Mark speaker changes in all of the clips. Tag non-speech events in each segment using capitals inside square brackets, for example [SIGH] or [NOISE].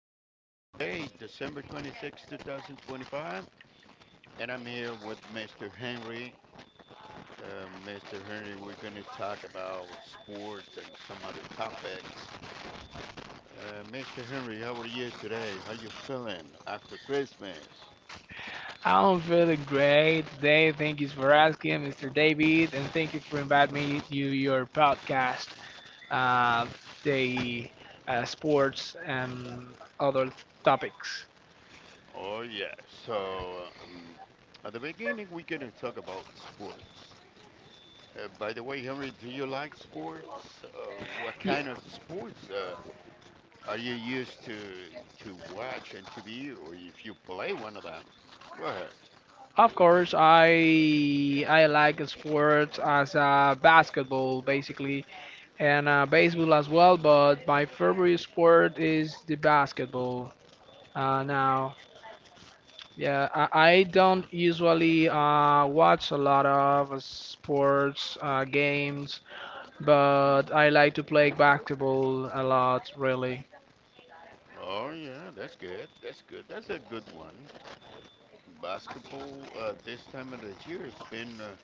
Speaker 1: podcast. Today, December 20 2025, and I'm here with Mr. Henry. Mr. Henry, we're going to talk about sports and some other topics. Mr. Henry, how are you today? How you feeling after Christmas?
Speaker 2: I'm feeling great today. Thank you for asking, Mr. David, and thank you for inviting me to your podcast, uh, the sports and other topics.
Speaker 1: Oh, yeah. So, at the beginning, we're going to talk about sports. By the way, Henry, do you like sports? Uh, what
Speaker 2: Yeah,
Speaker 1: kind of sports? Are you used to watch on TV, or if you play one of them? Go ahead.
Speaker 2: of course, I I like sports as basketball basically and baseball as well, but my favorite sport is the basketball. Uh, now, I don't usually watch a lot of sports games, but I like to play basketball a lot, really.
Speaker 1: Oh yeah, that's good. That's good. That's a good one. Basketball, this time of the year has been,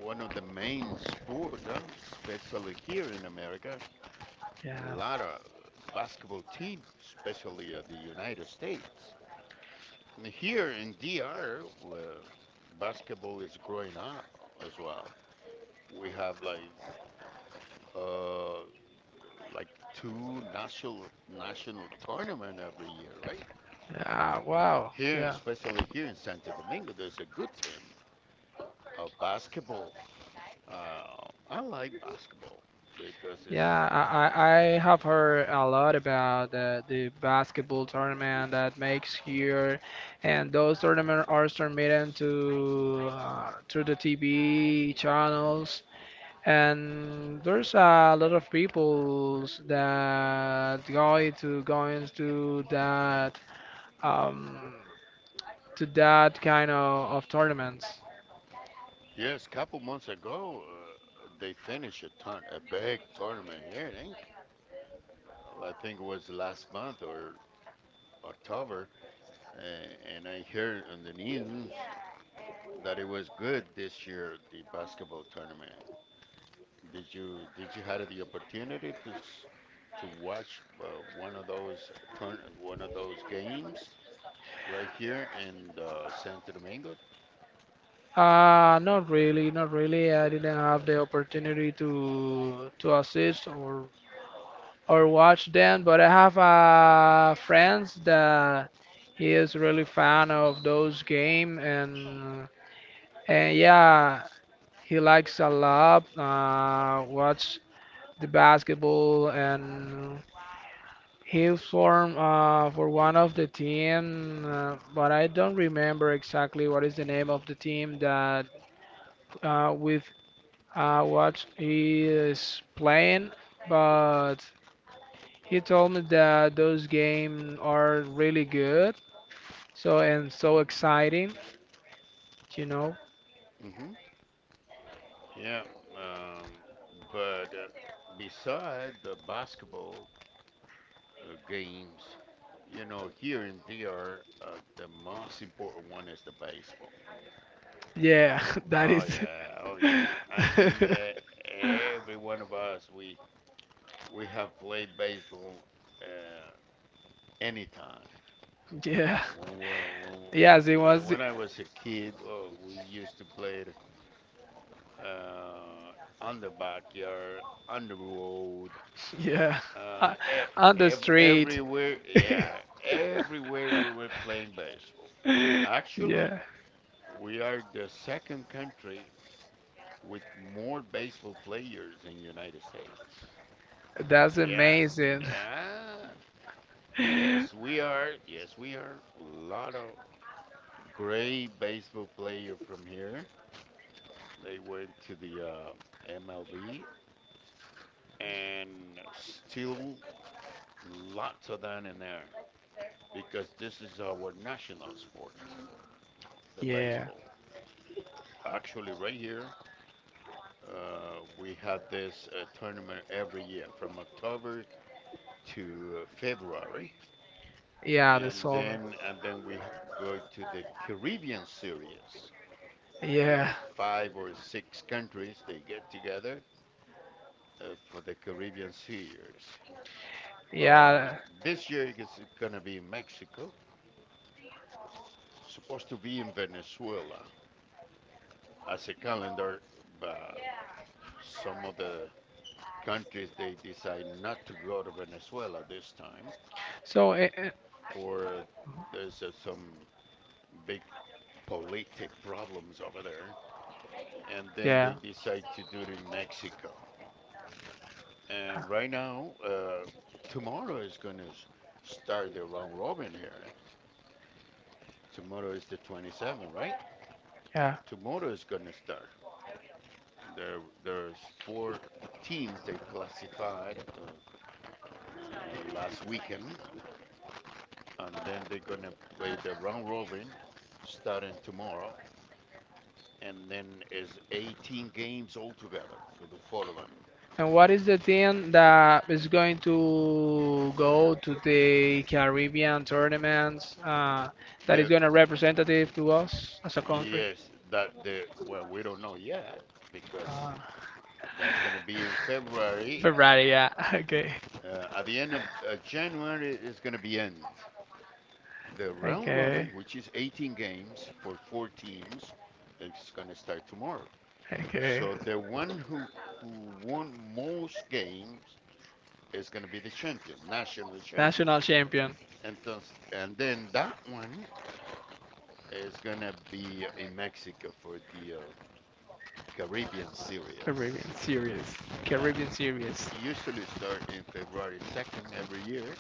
Speaker 1: one of the main sports, huh? Especially here in America. A
Speaker 2: Yeah.
Speaker 1: lot of basketball teams, especially, the United States. And here in DR, well, basketball is growing up as well. We have like, uh, like two national tournament every year, right?
Speaker 2: Yeah. Wow.
Speaker 1: Here,
Speaker 2: Yeah.
Speaker 1: especially here in Santo Domingo, there's a good team of basketball. Uh, I like basketball because it's.
Speaker 2: Yeah. I have heard a lot about the basketball tournament that makes here, and those tournaments are transmitted to through the TV channels. And there's a lot of people that go to going um to that kind of tournaments.
Speaker 1: Yes. Couple months ago, they finished a big tournament here. It ain't I think it was last month or October, and I heard on the news that it was good this year, the basketball tournament. Did you had the opportunity to watch, one of those turn one of those games right here in, Santo Domingo?
Speaker 2: Not really, not really. I didn't have the opportunity to assist or watch them, but I have friends that he is really fan of those game and yeah, he likes a lot watch the basketball, and he formed for one of the team, but I don't remember exactly what is the name of the team that with what he is playing. But he told me that those games are really good, so and so exciting, you know.
Speaker 1: Hmm. Yeah. um, but, beside the basketball, games, here in DR, the most important one is the baseball.
Speaker 2: Yeah, [LAUGHS] that
Speaker 1: Oh
Speaker 2: is.
Speaker 1: yeah, oh yeah. I think,
Speaker 2: [LAUGHS]
Speaker 1: every one of us we have played baseball, uh, anytime.
Speaker 2: Yeah.
Speaker 1: When, we
Speaker 2: Yes, it
Speaker 1: when, when,
Speaker 2: was.
Speaker 1: when I was a kid, we used to play it, uh, on the backyard, on the road,
Speaker 2: Yeah. [LAUGHS] Uh,
Speaker 1: uh, e-
Speaker 2: on the street.
Speaker 1: everywhere.
Speaker 2: [LAUGHS]
Speaker 1: Yeah, everywhere we were playing baseball. Actually,
Speaker 2: Yeah.
Speaker 1: we are the second country with more baseball players in United States.
Speaker 2: That's
Speaker 1: Yeah,
Speaker 2: amazing.
Speaker 1: yeah, yes,
Speaker 2: [LAUGHS]
Speaker 1: we are. Yes, we are. A lot of great baseball player from here. They went to the, MLB and still lots of that in there because this is our national sport, the
Speaker 2: Yeah.
Speaker 1: baseball.
Speaker 2: Yeah,
Speaker 1: Actually, right here, we had this, tournament every year from October to, February,
Speaker 2: the
Speaker 1: and
Speaker 2: song.
Speaker 1: then and then we go to the Caribbean Series.
Speaker 2: Yeah.
Speaker 1: Like five or six countries, they get together, for the Caribbean Series. Uh,
Speaker 2: Yeah.
Speaker 1: this year it's gonna be in Mexico. Supposed to be in Venezuela as a calendar, but some of the countries they decide not to go to Venezuela this time.
Speaker 2: So, eh, eh,
Speaker 1: For there's, some big politic problems over there, and then they
Speaker 2: yeah.
Speaker 1: decide to do it in Mexico. And right now, tomorrow is gonna start the round robin here. Tomorrow is the 27th, right?
Speaker 2: Yeah.
Speaker 1: Tomorrow is gonna start. There's four teams they classified, last weekend, and then they're gonna play the round robin starting tomorrow, and then is 18 games altogether for the four of them.
Speaker 2: And what is the team that is going to go to the Caribbean tournaments that is
Speaker 1: The
Speaker 2: going to representative to us as a country?
Speaker 1: Yes, that, the well, we don't know yet because
Speaker 2: Uh,
Speaker 1: that's gonna be in
Speaker 2: [LAUGHS]
Speaker 1: February.
Speaker 2: Ferrari, yeah. [LAUGHS] Okay.
Speaker 1: At the end of, January, it's gonna be end. The round
Speaker 2: Okay.
Speaker 1: robin, which is 18 games for four teams, it's gonna start tomorrow.
Speaker 2: Okay.
Speaker 1: So the one who won most games is going to be the champion, national champion.
Speaker 2: National champion.
Speaker 1: Entonces, and then that one is going to be in Mexico for the, Caribbean
Speaker 2: Caribbean
Speaker 1: Series.
Speaker 2: Series.
Speaker 1: Yeah,
Speaker 2: Caribbean Series.
Speaker 1: usually start in February 2nd every year.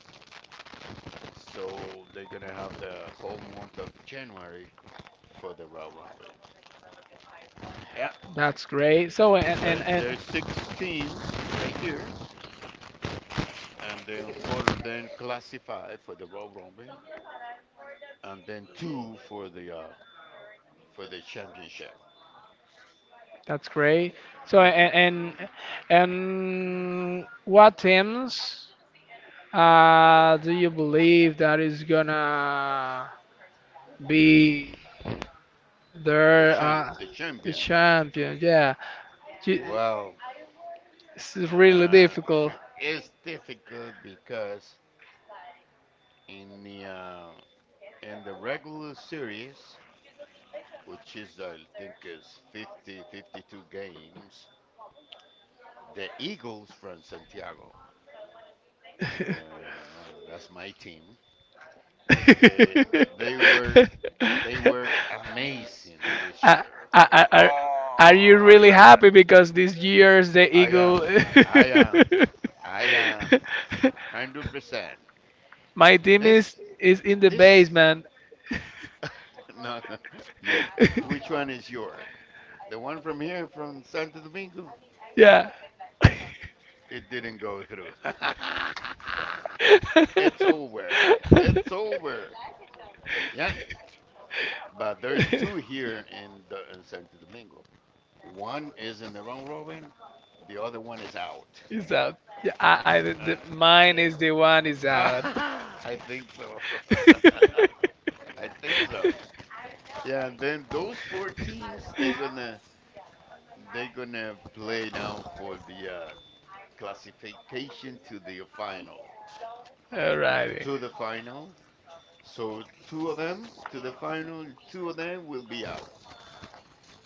Speaker 1: So they're going to have the whole month of January for the round robin. Yeah,
Speaker 2: That's great. So
Speaker 1: there,
Speaker 2: and
Speaker 1: there's six teams right here. And then further then classify for the round robin. And then two for the, for the championship.
Speaker 2: That's great. So
Speaker 1: Hmm.
Speaker 2: and and and what teams do you believe that is gonna be there
Speaker 1: The
Speaker 2: the
Speaker 1: champion.
Speaker 2: champion? Yeah, You-
Speaker 1: Well,
Speaker 2: it's really
Speaker 1: uh,
Speaker 2: difficult.
Speaker 1: [LAUGHS] it's difficult because in the, in the regular series, which is, I think, is 50, 52 games, the Eagles from Santiago,
Speaker 2: [LAUGHS]
Speaker 1: oh, that's my team. They
Speaker 2: [LAUGHS]
Speaker 1: they were they were amazing this
Speaker 2: Are
Speaker 1: year.
Speaker 2: are are, are you
Speaker 1: Oh
Speaker 2: really
Speaker 1: la la!
Speaker 2: happy because this year's the
Speaker 1: I am
Speaker 2: Eagle?
Speaker 1: I am. I am. 100%.
Speaker 2: [LAUGHS] My team
Speaker 1: This,
Speaker 2: is in the
Speaker 1: this,
Speaker 2: basement.
Speaker 1: [LAUGHS] no, no. You, which
Speaker 2: [LAUGHS]
Speaker 1: one is your? The one from here, from Santo Domingo?
Speaker 2: Yeah.
Speaker 1: It didn't go through. [LAUGHS]
Speaker 2: [LAUGHS]
Speaker 1: It's over. It's over. Yeah, but there's two here in Santo Domingo. One is in the round robin, the other one is out.
Speaker 2: It's out. Yeah,
Speaker 1: Uh,
Speaker 2: mine
Speaker 1: yeah.
Speaker 2: is the one is out. [LAUGHS]
Speaker 1: [LAUGHS] I think so. [LAUGHS] I think so. Yeah, and then those four teams they gonna play now for the, classification to the final.
Speaker 2: Alrighty.
Speaker 1: To the final. So two of them to the final, two of them will be out.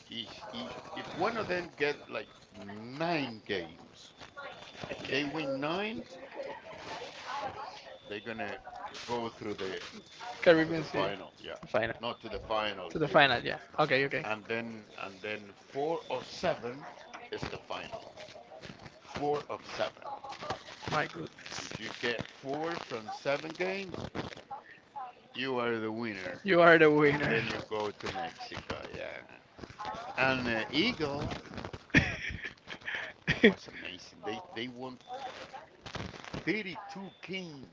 Speaker 1: Each, e if one of them get like nine games, if they win nine, they're gonna go through the to
Speaker 2: Caribbean
Speaker 1: the
Speaker 2: Sea.
Speaker 1: final. Yeah,
Speaker 2: The Final.
Speaker 1: not to the final
Speaker 2: To the
Speaker 1: here,
Speaker 2: final, yeah. Okay, okay.
Speaker 1: and then four or seven is the final. Four of seven.
Speaker 2: My good.
Speaker 1: If you get four from seven games, you are the winner.
Speaker 2: You are the
Speaker 1: And
Speaker 2: winner.
Speaker 1: then you go to Mexico, yeah. And the Eagle, that was
Speaker 2: [LAUGHS]
Speaker 1: amazing. They won 32 games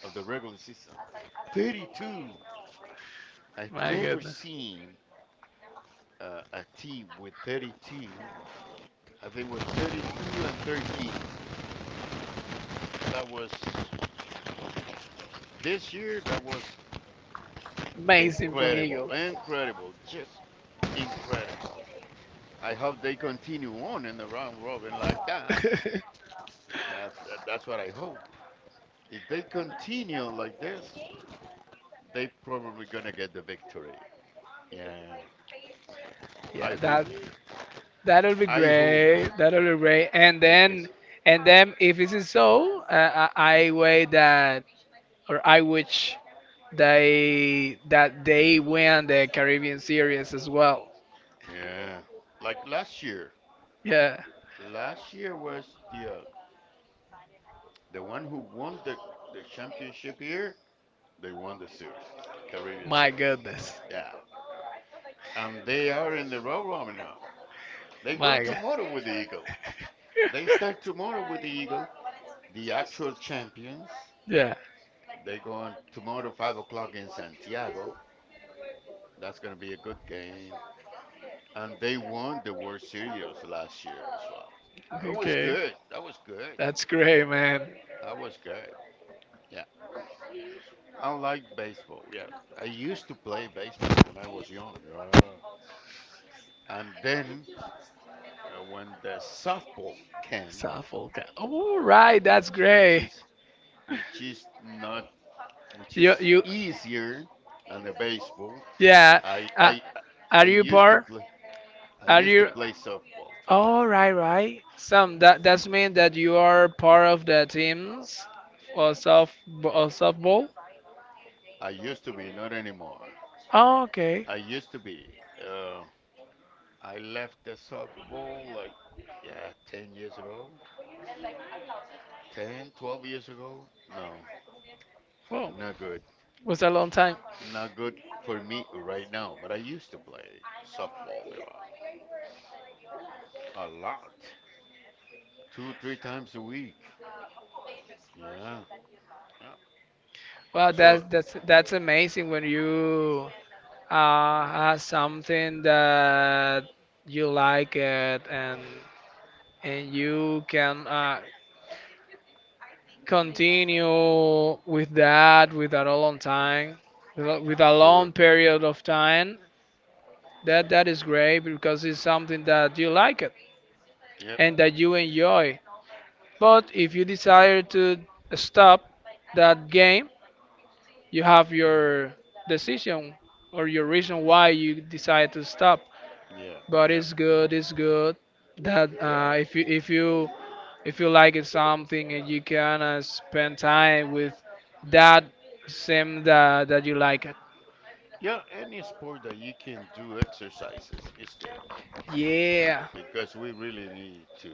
Speaker 1: of the regular season. 32. I've
Speaker 2: My
Speaker 1: never
Speaker 2: goodness.
Speaker 1: seen, a team with 32. I think it was 32-13. That was this year. That was
Speaker 2: Amazing from
Speaker 1: incredible,
Speaker 2: Eagles.
Speaker 1: incredible, just incredible. I hope they continue on in the round robin like that.
Speaker 2: [LAUGHS]
Speaker 1: That that's what I hope. If they continue like this, they probably gonna get the victory. Yeah, I
Speaker 2: Yeah,
Speaker 1: hope.
Speaker 2: that that'll be
Speaker 1: I hope
Speaker 2: great. That'll be great. And
Speaker 1: because,
Speaker 2: then and then if it is so, I wait that or I wish they that they win the Caribbean series as well.
Speaker 1: yeah, like last year.
Speaker 2: Yeah.
Speaker 1: Last year was the uh, the one who won the championship here. They won the series, Caribbean
Speaker 2: My
Speaker 1: Series.
Speaker 2: goodness.
Speaker 1: Yeah, and they are in the round robin now. They go
Speaker 2: My God.
Speaker 1: tomorrow with the Eagles. They start
Speaker 2: [LAUGHS]
Speaker 1: tomorrow with the Eagles. The actual champions,
Speaker 2: Yeah.
Speaker 1: they go on tomorrow 5 o'clock in Santiago. That's going to be a good game. And they won the World Series last year as well. It was
Speaker 2: Okay.
Speaker 1: good. That was good.
Speaker 2: That's great, man.
Speaker 1: That was good. Yeah. I like baseball. Yeah. I used to play baseball when I was young. Yeah. And then, when the softball came,
Speaker 2: All right. That's
Speaker 1: which which
Speaker 2: great.
Speaker 1: is which is not which is
Speaker 2: You you.
Speaker 1: easier than the baseball,
Speaker 2: Yeah.
Speaker 1: I
Speaker 2: Uh,
Speaker 1: I I I
Speaker 2: are you
Speaker 1: used to
Speaker 2: part?
Speaker 1: play. I
Speaker 2: Are
Speaker 1: used to
Speaker 2: you?
Speaker 1: play softball too.
Speaker 2: All right, right. Some that that's mean that you are part of the teams for soft or softball.
Speaker 1: I used to be, not anymore.
Speaker 2: Oh, okay.
Speaker 1: I used to be. Uh, I left the softball, like, yeah, 10 years ago. 10, 12 years ago? No,
Speaker 2: Well,
Speaker 1: not good.
Speaker 2: was a long time.
Speaker 1: Not good for me right now, but I used to play softball, yeah, a lot. 2, 3 times a week. Yeah. Yeah.
Speaker 2: Wow,
Speaker 1: So,
Speaker 2: that's amazing when you has something that you like it and you can continue with that with a long time with a long
Speaker 1: sure,
Speaker 2: period of time that
Speaker 1: sure.
Speaker 2: that is great because it's something that you like it
Speaker 1: Yep,
Speaker 2: and that you enjoy but if you desire to stop that game you have your decision or your reason why you decide to stop.
Speaker 1: yeah,
Speaker 2: But
Speaker 1: yeah,
Speaker 2: it's good that
Speaker 1: yeah.
Speaker 2: if you like it something and you can spend time with that sim that that you like it.
Speaker 1: Yeah, any sport that you can do exercises is good
Speaker 2: Yeah,
Speaker 1: because we really need to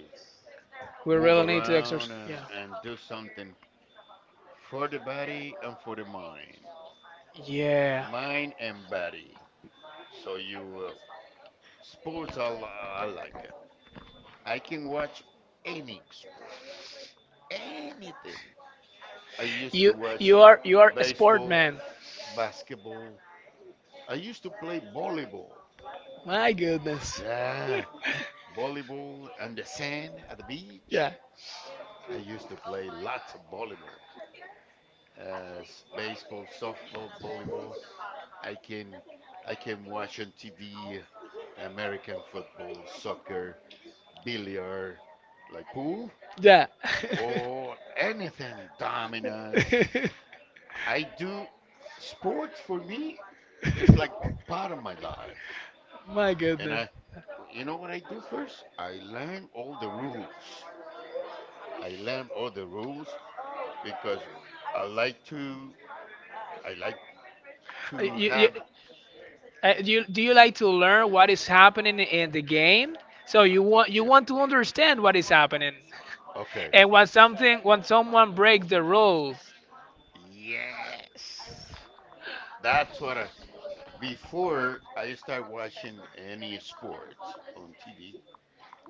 Speaker 2: we
Speaker 1: move
Speaker 2: really need to
Speaker 1: around
Speaker 2: exercise.
Speaker 1: and,
Speaker 2: Yeah,
Speaker 1: and do something for the body and for the mind,
Speaker 2: yeah.
Speaker 1: mind and body. So you, sports, I like it. I can watch any sport, anything. I used to
Speaker 2: You
Speaker 1: watch
Speaker 2: you are you are a sport
Speaker 1: baseball,
Speaker 2: man.
Speaker 1: basketball. I used to play volleyball.
Speaker 2: My goodness. [LAUGHS]
Speaker 1: Yeah, volleyball and the sand at the beach.
Speaker 2: Yeah,
Speaker 1: I used to play lots of volleyball, baseball, softball, volleyball. I can I can watch on TV American football, soccer, billiard, like pool
Speaker 2: yeah.
Speaker 1: or anything, dominoes.
Speaker 2: [LAUGHS]
Speaker 1: I do sport for me. It's like part of my life,
Speaker 2: My
Speaker 1: and
Speaker 2: goodness.
Speaker 1: I you know what I do first? I learn all the rules. I learn all the rules because I like to, I like
Speaker 2: You,
Speaker 1: to
Speaker 2: you,
Speaker 1: have,
Speaker 2: Do you like to learn what is happening in the game? So
Speaker 1: I,
Speaker 2: you
Speaker 1: yeah.
Speaker 2: want to understand what is happening,
Speaker 1: Okay.
Speaker 2: and when someone breaks the rules,
Speaker 1: Yes. That's what I, before I start watching any sport on TV,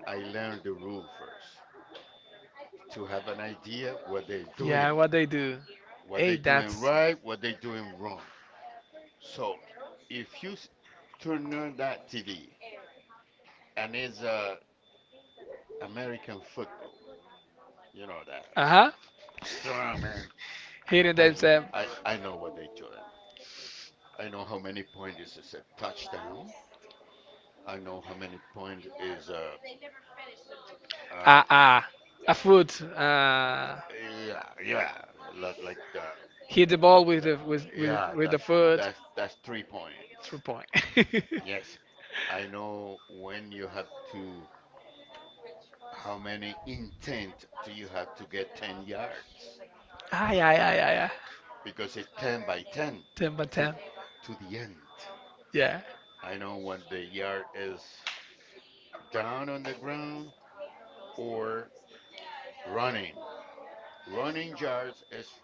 Speaker 1: I learn the rule first to have an idea
Speaker 2: yeah, what they do.
Speaker 1: what they're
Speaker 2: Hey,
Speaker 1: doing
Speaker 2: that's
Speaker 1: right, what they're doing wrong. So if you turn on that TV and it's, American football, you know that.
Speaker 2: uh huh.
Speaker 1: Strong man,
Speaker 2: Hitting
Speaker 1: I know,
Speaker 2: themselves.
Speaker 1: I know what they doing. I know how many point is a touchdown. I know how many point is, uh
Speaker 2: Ah ah. a foot
Speaker 1: yeah yeah, like the,
Speaker 2: Hit the ball
Speaker 1: that yeah,
Speaker 2: with the
Speaker 1: that's
Speaker 2: foot.
Speaker 1: that's that's 3 points.
Speaker 2: 3 point. [LAUGHS]
Speaker 1: Yes, I know when you have to, how many intent do you have to get 10 yards
Speaker 2: Ay ay ay ay ay.
Speaker 1: because it's ten by ten
Speaker 2: Ten by
Speaker 1: to th-
Speaker 2: ten.
Speaker 1: to the end.
Speaker 2: Yeah
Speaker 1: I know when the yard is down on the ground or running. Running yards is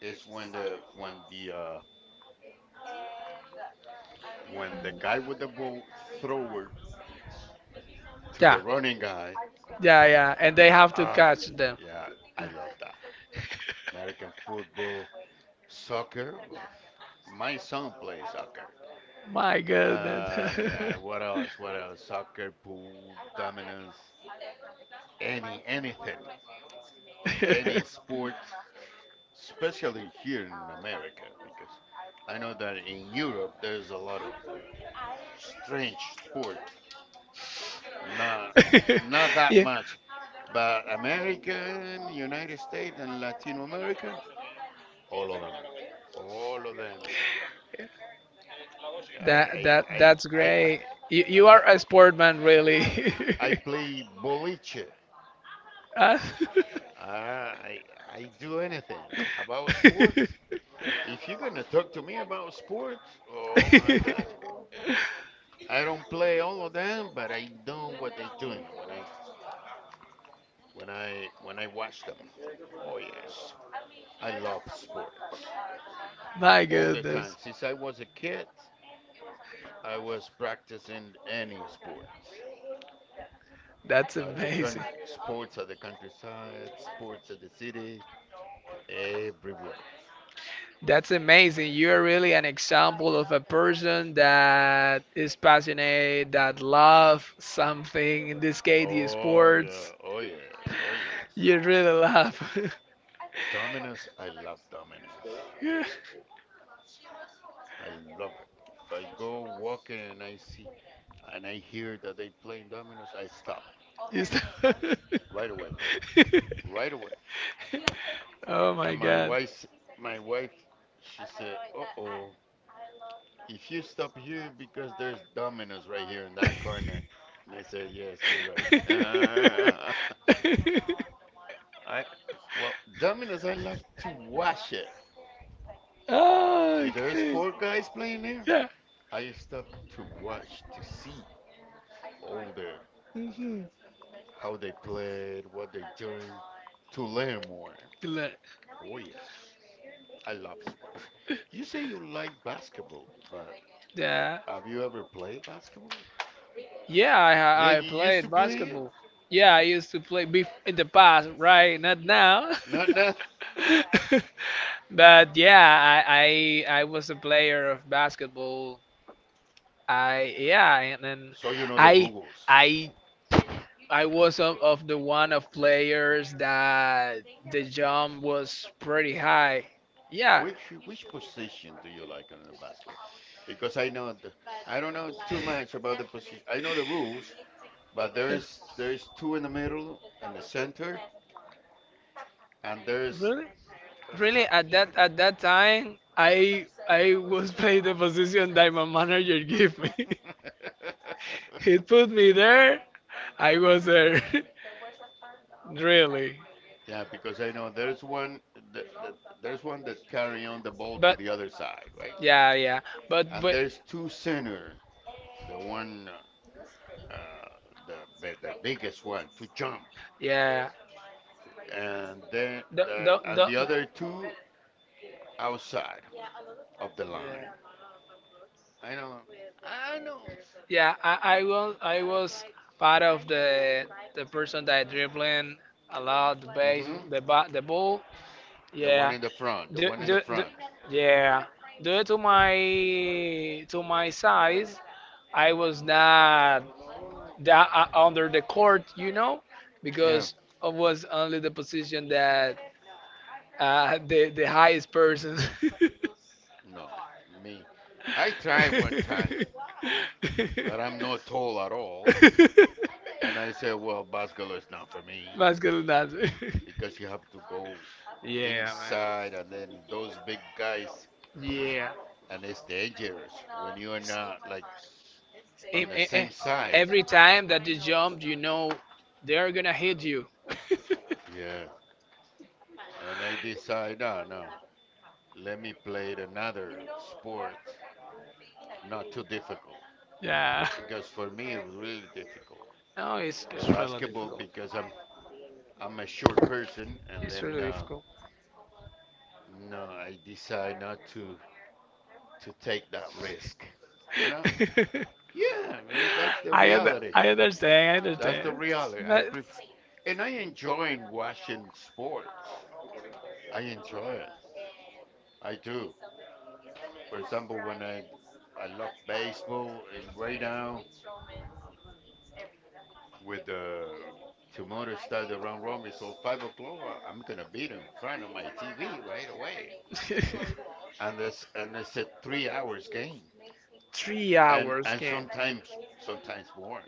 Speaker 1: is when the when the guy with the ball thrower to
Speaker 2: yeah.
Speaker 1: the running guy.
Speaker 2: Yeah, yeah, and they have to
Speaker 1: Ah,
Speaker 2: catch them.
Speaker 1: yeah, I love that. American football, soccer. uh, My son plays soccer.
Speaker 2: My goodness.
Speaker 1: And, what else? What else? Soccer, pool, dominoes, anything, any sport,
Speaker 2: [LAUGHS]
Speaker 1: especially here in America, because I know that in Europe there's a lot of strange sport. Not, not that
Speaker 2: Yeah.
Speaker 1: much. But American, United States, and Latin America, all of them. All of them. I,
Speaker 2: That that
Speaker 1: I,
Speaker 2: that's
Speaker 1: I, I,
Speaker 2: great. You
Speaker 1: I,
Speaker 2: are a sportman, really.
Speaker 1: I play
Speaker 2: [LAUGHS]
Speaker 1: boliche.
Speaker 2: Ah.
Speaker 1: Uh, I, I do anything about sport. If you're gonna talk to me about sport, oh my God,
Speaker 2: [LAUGHS]
Speaker 1: I don't play all of them, but I know what they're doing when I watch them. Oh yes, I love sports.
Speaker 2: My
Speaker 1: All the
Speaker 2: goodness,
Speaker 1: time. Since I was a kid, I was practicing any sports.
Speaker 2: that's
Speaker 1: At the
Speaker 2: amazing.
Speaker 1: con- sports at the countryside, sports at the city, everywhere.
Speaker 2: That's amazing. You're really an example of a person that is passionate, that love something, in this case, the
Speaker 1: Oh
Speaker 2: sports.
Speaker 1: yeah, oh yeah, oh yes.
Speaker 2: You really love. [LAUGHS]
Speaker 1: Domino's.
Speaker 2: Yeah.
Speaker 1: I love it. If I go walking and I see and I hear that they playing Domino's, I stop
Speaker 2: You stop. [LAUGHS]
Speaker 1: right away, right away.
Speaker 2: Oh
Speaker 1: And
Speaker 2: my god.
Speaker 1: my wife, she said, "Uh oh, if you stop here because there's Domino's right here in that corner," and I said, yes, you're right. [LAUGHS]
Speaker 2: [LAUGHS]
Speaker 1: I Domino's, I love to watch it.
Speaker 2: Oh,
Speaker 1: If there's
Speaker 2: okay.
Speaker 1: four guys playing there,
Speaker 2: Yeah.
Speaker 1: I stop to watch to see all the
Speaker 2: Mhm.
Speaker 1: how they played, what they doing, to learn more.
Speaker 2: Good luck.
Speaker 1: Oh yes, I love sport. You say you like basketball, but
Speaker 2: Yeah.
Speaker 1: have you ever played basketball?
Speaker 2: Yeah,
Speaker 1: Yeah,
Speaker 2: I
Speaker 1: you used to
Speaker 2: played
Speaker 1: play it.
Speaker 2: basketball. Yeah, I used to play bef in the past, right? Not now. [LAUGHS]
Speaker 1: No, no.
Speaker 2: Now. But yeah, I was a player of basketball. I yeah, and then
Speaker 1: So you know the
Speaker 2: I
Speaker 1: rules.
Speaker 2: I I was of the one of players that the jump was pretty high. Yeah.
Speaker 1: Which position do you like on the basketball? Because I know the, I don't know too much about the position. I know the rules, but there's two in the middle and the center, and there's
Speaker 2: Really?
Speaker 1: [LAUGHS]
Speaker 2: Really, at that time, I was [LAUGHS] playing the position that my manager gave me. [LAUGHS] He put me there. I was there. [LAUGHS] Really.
Speaker 1: yeah. Because I know there's one that, that, there's one that carry on the ball to
Speaker 2: But
Speaker 1: the other side, right?
Speaker 2: yeah, yeah.
Speaker 1: And
Speaker 2: But
Speaker 1: there's two center, the one uh, the biggest one to jump,
Speaker 2: yeah.
Speaker 1: and then
Speaker 2: The,
Speaker 1: the
Speaker 2: the,
Speaker 1: and the other
Speaker 2: the,
Speaker 1: two outside. Of the line.
Speaker 2: yeah,
Speaker 1: I know. I know.
Speaker 2: yeah. I was part of the person that dribbling a lot
Speaker 1: Mhm.
Speaker 2: the ball.
Speaker 1: The one
Speaker 2: Yeah.
Speaker 1: in the front. The one in the
Speaker 2: Front.
Speaker 1: front.
Speaker 2: Yeah. Due to my size, I was not that under the court, you know. Yeah.
Speaker 1: Yeah.
Speaker 2: Because I was only the position that the highest person. I
Speaker 1: No. Me. I tried
Speaker 2: time,
Speaker 1: one time, but I'm not
Speaker 2: but
Speaker 1: tall at
Speaker 2: [LAUGHS]
Speaker 1: all.
Speaker 2: tall,
Speaker 1: And I said, well, basketball is not for me
Speaker 2: Masculine dancer. [LAUGHS]
Speaker 1: because you have to go
Speaker 2: Yeah, man.
Speaker 1: inside and then those big guys,
Speaker 2: Yeah.
Speaker 1: and it's dangerous when you are not like on
Speaker 2: If,
Speaker 1: the
Speaker 2: eh,
Speaker 1: same
Speaker 2: eh,
Speaker 1: size.
Speaker 2: every time that you jump, you know they're gonna hit you. [LAUGHS]
Speaker 1: Yeah. And I decide, no, no, let me play it another sport, not too difficult.
Speaker 2: Yeah.
Speaker 1: Because for me it was really difficult.
Speaker 2: No,
Speaker 1: The
Speaker 2: it's really
Speaker 1: basketball
Speaker 2: difficult.
Speaker 1: because I'm a short person and
Speaker 2: It's
Speaker 1: then
Speaker 2: really difficult.
Speaker 1: no, I decide not to take that risk. You know?
Speaker 2: [LAUGHS]
Speaker 1: Yeah, man, that's the reality.
Speaker 2: I understand. I
Speaker 1: That's the
Speaker 2: understand.
Speaker 1: reality. I
Speaker 2: But
Speaker 1: prefer and I enjoy watching sports. I enjoy it. I do. For example, when I love baseball and right now with the tomorrow start the round robin, so 5 o'clock, I'm gonna be in front of my TV right away. And this and it's a 3 hours game,
Speaker 2: [LAUGHS] three hours
Speaker 1: and
Speaker 2: game.
Speaker 1: sometimes more.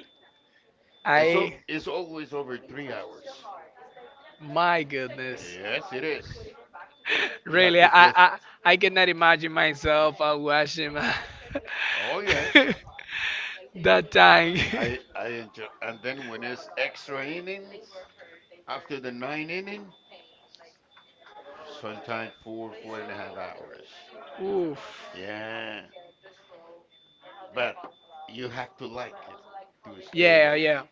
Speaker 1: It's
Speaker 2: I
Speaker 1: it's always over 3 hours.
Speaker 2: my goodness.
Speaker 1: Yes, it is.
Speaker 2: [LAUGHS]
Speaker 1: You have
Speaker 2: Really,
Speaker 1: to
Speaker 2: I,
Speaker 1: play.
Speaker 2: I I cannot imagine myself watching my
Speaker 1: Oh yeah,
Speaker 2: [LAUGHS] that time. [LAUGHS]
Speaker 1: I enjoy. And then when it's extra innings, after the 9 inning, sometimes four and a half hours.
Speaker 2: Oof.
Speaker 1: Yeah, but you have to like it to stay
Speaker 2: Yeah,
Speaker 1: like
Speaker 2: yeah.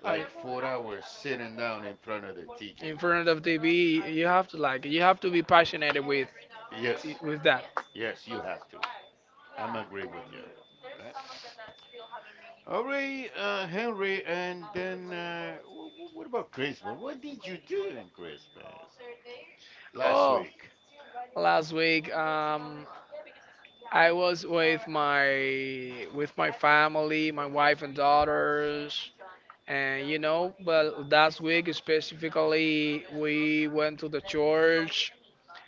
Speaker 2: I,
Speaker 1: 4 hours sitting down in front of the TV.
Speaker 2: in front of TV, you have to be passionate
Speaker 1: Yes,
Speaker 2: with that.
Speaker 1: yes, you have to. I'm agree with you. Okay. All right, Henry, and then what about Christmas? What did you do in Christmas last
Speaker 2: Oh,
Speaker 1: week?
Speaker 2: last week, I was with my family, my wife and daughters. And you know, but last week specifically, we went to the church.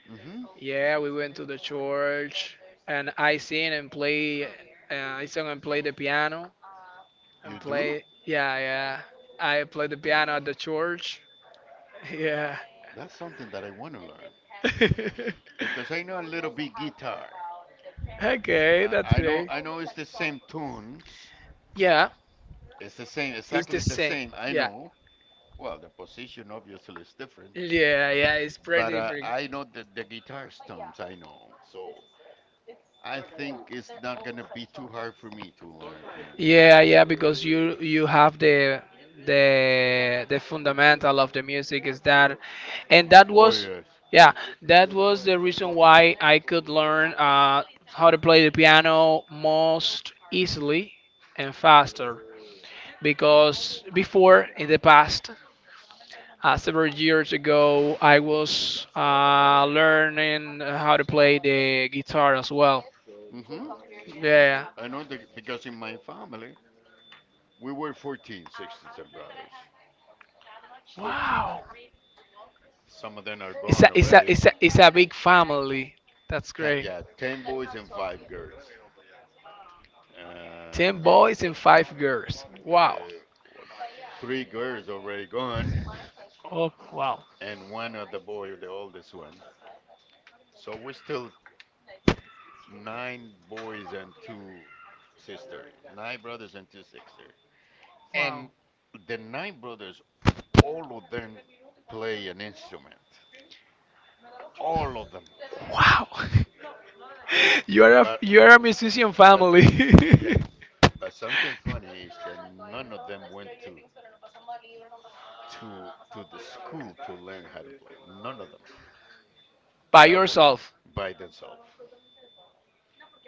Speaker 1: Hmm.
Speaker 2: Yeah, we went to the church, and I sing and play. I sing and play the piano and
Speaker 1: You do?
Speaker 2: play. Yeah, yeah. I play the piano at the church. [LAUGHS] Yeah.
Speaker 1: That's something that I want to learn
Speaker 2: [LAUGHS]
Speaker 1: because I know a little bit guitar.
Speaker 2: Okay, that's
Speaker 1: I know
Speaker 2: great.
Speaker 1: it's the same tunes.
Speaker 2: Yeah,
Speaker 1: It's the same,
Speaker 2: it's the
Speaker 1: exactly the
Speaker 2: same.
Speaker 1: same. I
Speaker 2: Yeah,
Speaker 1: know, well, the position obviously is different,
Speaker 2: yeah, yeah. It's pretty
Speaker 1: but
Speaker 2: different.
Speaker 1: I know the guitar stumps, I know. So I think it's not going to be too hard for me to learn piano.
Speaker 2: Yeah, yeah, because you have the fundamental of the music is that, and that
Speaker 1: Oh,
Speaker 2: was
Speaker 1: yes.
Speaker 2: yeah, that was the reason why I could learn how to play the piano most easily and faster. Because before in the past, several years ago, I was learning how to play the guitar as well.
Speaker 1: Hmm.
Speaker 2: Yeah.
Speaker 1: I know that because in my family, we were 14 sisters and brothers. 14.
Speaker 2: Wow.
Speaker 1: Some of them are gone already.
Speaker 2: It's a big family. That's
Speaker 1: Ten,
Speaker 2: great.
Speaker 1: yeah, 10 boys and 5 girls.
Speaker 2: Ten
Speaker 1: Um,
Speaker 2: boys and five girls. Wow.
Speaker 1: uh, three girls already gone,
Speaker 2: Oh, wow.
Speaker 1: and one other boy, the oldest one. So we're still 9 boys and 2 sisters, 9 brothers and 2 sisters. And the 9 brothers, all of them play an instrument, all of them.
Speaker 2: Wow. [LAUGHS]
Speaker 1: But
Speaker 2: You are a musician
Speaker 1: but
Speaker 2: family.
Speaker 1: yeah,
Speaker 2: [LAUGHS]
Speaker 1: but something funny is that none of them went to the school to learn how to play. None of them.
Speaker 2: By
Speaker 1: That was
Speaker 2: yourself.
Speaker 1: by themselves.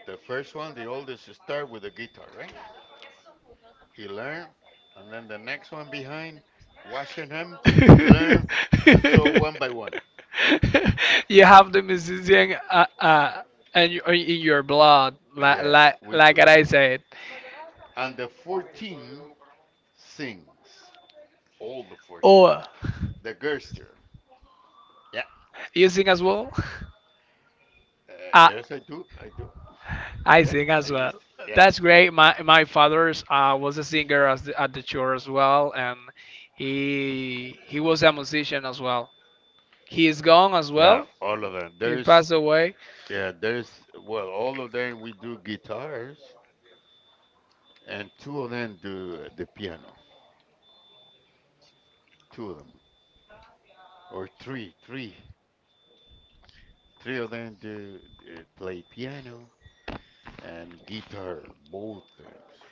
Speaker 1: The first one, the oldest, start with a guitar, right? He learned, and then the next one behind, watching him
Speaker 2: [LAUGHS]
Speaker 1: learn, and so one by one. Yeah.
Speaker 2: You have the musician and you, in your blood,
Speaker 1: Yes, we
Speaker 2: like
Speaker 1: too.
Speaker 2: I said.
Speaker 1: And the 14 sings. All the 14.
Speaker 2: Oh,
Speaker 1: The Gerster. Yeah.
Speaker 2: you sing as well?
Speaker 1: Uh,
Speaker 2: Uh,
Speaker 1: yes, I do. I do.
Speaker 2: I
Speaker 1: Yeah.
Speaker 2: sing
Speaker 1: I
Speaker 2: as well.
Speaker 1: used to. Yeah.
Speaker 2: That's
Speaker 1: Yeah.
Speaker 2: great. My father's was a singer as the, at the church as well, and he was a musician as well. He is gone as
Speaker 1: Yeah.
Speaker 2: well.
Speaker 1: All of them.
Speaker 2: He
Speaker 1: There's,
Speaker 2: passed away.
Speaker 1: yeah, there's, well, all of them we do guitars, and two of them do the piano. Two of them. Or three. Three. Three of them do play piano, and guitar, both things.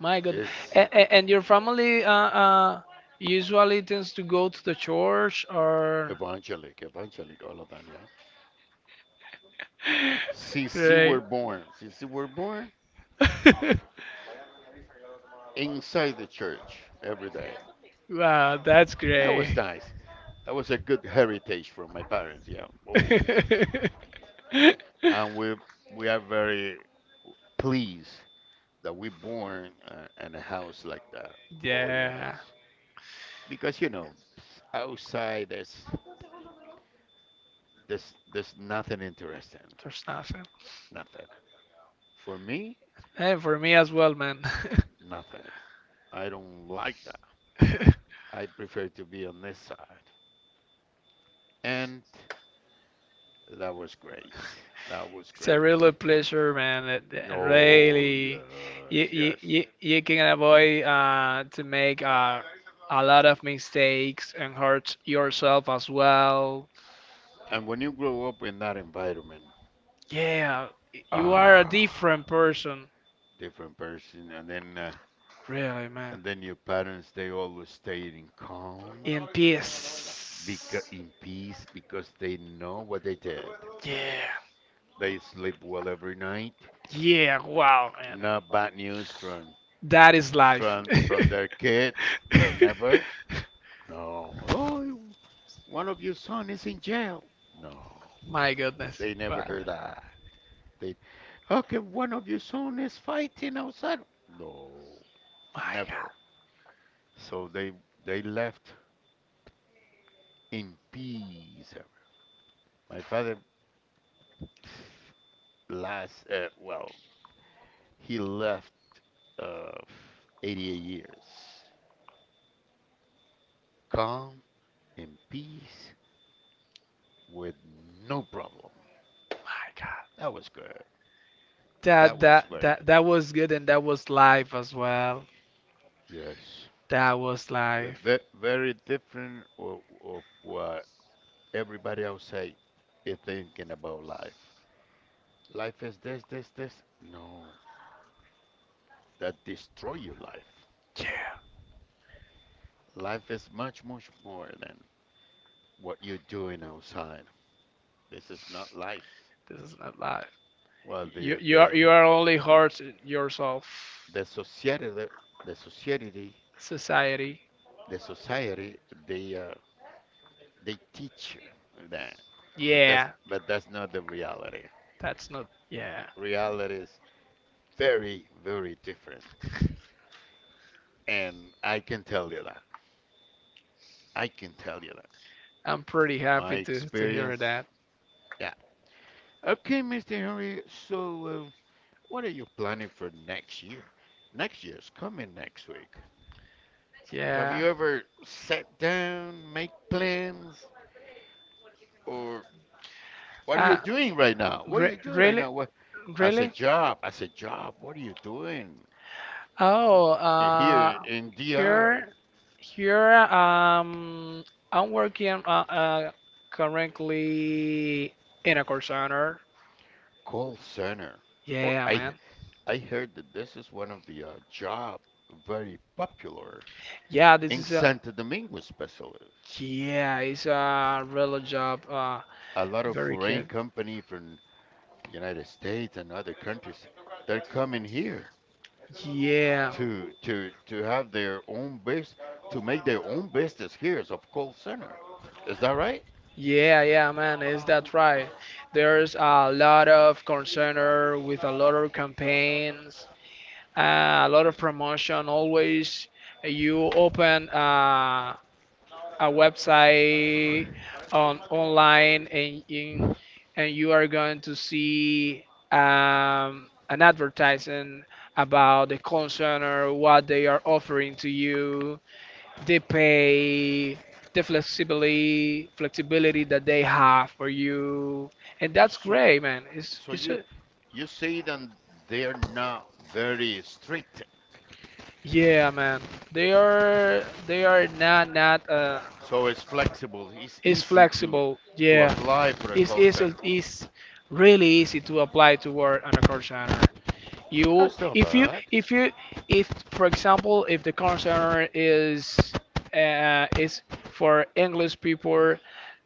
Speaker 2: My God.
Speaker 1: It's
Speaker 2: And your family usually tends to go to the church or.
Speaker 1: evangelic, evangelic, all of them, yeah.
Speaker 2: [LAUGHS]
Speaker 1: Since you
Speaker 2: Great.
Speaker 1: were born, since you were born,
Speaker 2: [LAUGHS]
Speaker 1: inside the church every day.
Speaker 2: Wow, that's
Speaker 1: That was
Speaker 2: great.
Speaker 1: nice. That was a good heritage from my parents, yeah. Oh.
Speaker 2: [LAUGHS]
Speaker 1: And we are very pleased that we born in a house like that. Oh yes,
Speaker 2: Yeah,
Speaker 1: because you know, outside there's nothing interesting,
Speaker 2: there's nothing.
Speaker 1: nothing. For me,
Speaker 2: And for me as well, man.
Speaker 1: nothing. I don't like that.
Speaker 2: [LAUGHS]
Speaker 1: I prefer to be on this side. And that was great. That was
Speaker 2: It's a
Speaker 1: great.
Speaker 2: real pleasure, man. It- it
Speaker 1: Oh,
Speaker 2: really,
Speaker 1: yes, yes.
Speaker 2: you, you can avoid to make a lot of mistakes and hurt yourself as well.
Speaker 1: And when you grow up in that environment,
Speaker 2: Yeah, you are a
Speaker 1: ah,
Speaker 2: different person,
Speaker 1: different person.
Speaker 2: really, man.
Speaker 1: And then your parents, they always stayed in calm,
Speaker 2: In peace.
Speaker 1: because in peace, because they know what they did.
Speaker 2: Yeah,
Speaker 1: They sleep well every night.
Speaker 2: yeah. Wow, man.
Speaker 1: No bad news from
Speaker 2: That is life.
Speaker 1: From their kids? Never.
Speaker 2: [LAUGHS]
Speaker 1: No. Oh, you- one of your son is in jail. No.
Speaker 2: My goodness.
Speaker 1: They never
Speaker 2: Wow.
Speaker 1: heard that. They okay, one of your son is fighting outside. No.
Speaker 2: My God.
Speaker 1: Never. So they left in peace. My father [SIGHS] last well, he left uh 88 years. Calm in peace with no problem.
Speaker 2: My God.
Speaker 1: That was good.
Speaker 2: That was good and that was live as well.
Speaker 1: Yes.
Speaker 2: That was
Speaker 1: It's
Speaker 2: live.
Speaker 1: that very different of what everybody outside is thinking about life. Life is this, this, this. No, that destroy your life.
Speaker 2: Yeah.
Speaker 1: Life is much, much more than what you're doing outside. This is not life.
Speaker 2: This is not live.
Speaker 1: Well,
Speaker 2: You are only hurt yourself.
Speaker 1: the society, the society,
Speaker 2: Society.
Speaker 1: the society, they uh, they teach you that, but
Speaker 2: Yeah.
Speaker 1: that's not the reality.
Speaker 2: That's not. Yeah.
Speaker 1: Reality is very, very different. And I can tell you that. I can tell you that.
Speaker 2: I'm pretty
Speaker 1: My
Speaker 2: happy to
Speaker 1: experience,
Speaker 2: hear that.
Speaker 1: yeah. Okay, Mr. Henry, so what are you planning for next year? Next year's coming next week. Have
Speaker 2: Yeah.
Speaker 1: you
Speaker 2: You ever
Speaker 1: ever
Speaker 2: sit
Speaker 1: sat
Speaker 2: down,
Speaker 1: down,
Speaker 2: make
Speaker 1: make
Speaker 2: plans.
Speaker 1: plans, or
Speaker 2: What
Speaker 1: what are
Speaker 2: are
Speaker 1: you
Speaker 2: you you
Speaker 1: doing
Speaker 2: doing
Speaker 1: right now? What are you
Speaker 2: right
Speaker 1: doing right
Speaker 2: really
Speaker 1: now?
Speaker 2: now?
Speaker 1: What,
Speaker 2: What- Really?
Speaker 1: I said job, what are you doing
Speaker 2: Oh,
Speaker 1: here in
Speaker 2: Yeah.
Speaker 1: DR?
Speaker 2: Here, I'm working currently in a call center.
Speaker 1: Call center. Or
Speaker 2: Yeah, man.
Speaker 1: I heard that this is one of the job very popular
Speaker 2: Yeah, this
Speaker 1: in
Speaker 2: is a
Speaker 1: Santo Domingo, especially.
Speaker 2: yeah, it's a real job.
Speaker 1: A lot of
Speaker 2: Very
Speaker 1: foreign
Speaker 2: good.
Speaker 1: company from United States and other countries, they're coming here
Speaker 2: Yeah,
Speaker 1: to have their own bus to make their own business here as of call center. Is that right?
Speaker 2: yeah, man. Is that right? There's a lot of call center with a lot of campaigns, a lot of promotion. Always, you open. A website on online and you are going to see an advertising about the consumer, what they are offering to you, the pay, the flexibility flexibility that they have for you, and that's
Speaker 1: So
Speaker 2: great, man. It's
Speaker 1: you
Speaker 2: a,
Speaker 1: you say then they're not very strict.
Speaker 2: yeah, man. They are not not
Speaker 1: So it's flexible. It's
Speaker 2: It's
Speaker 1: easy to
Speaker 2: flexible. Yeah.
Speaker 1: apply for a
Speaker 2: It's
Speaker 1: call
Speaker 2: easy.
Speaker 1: center.
Speaker 2: It's really easy to apply to work on a call center. You,
Speaker 1: That's not
Speaker 2: if you,
Speaker 1: bad.
Speaker 2: if you, if for example, if the call center is uh, is for English people,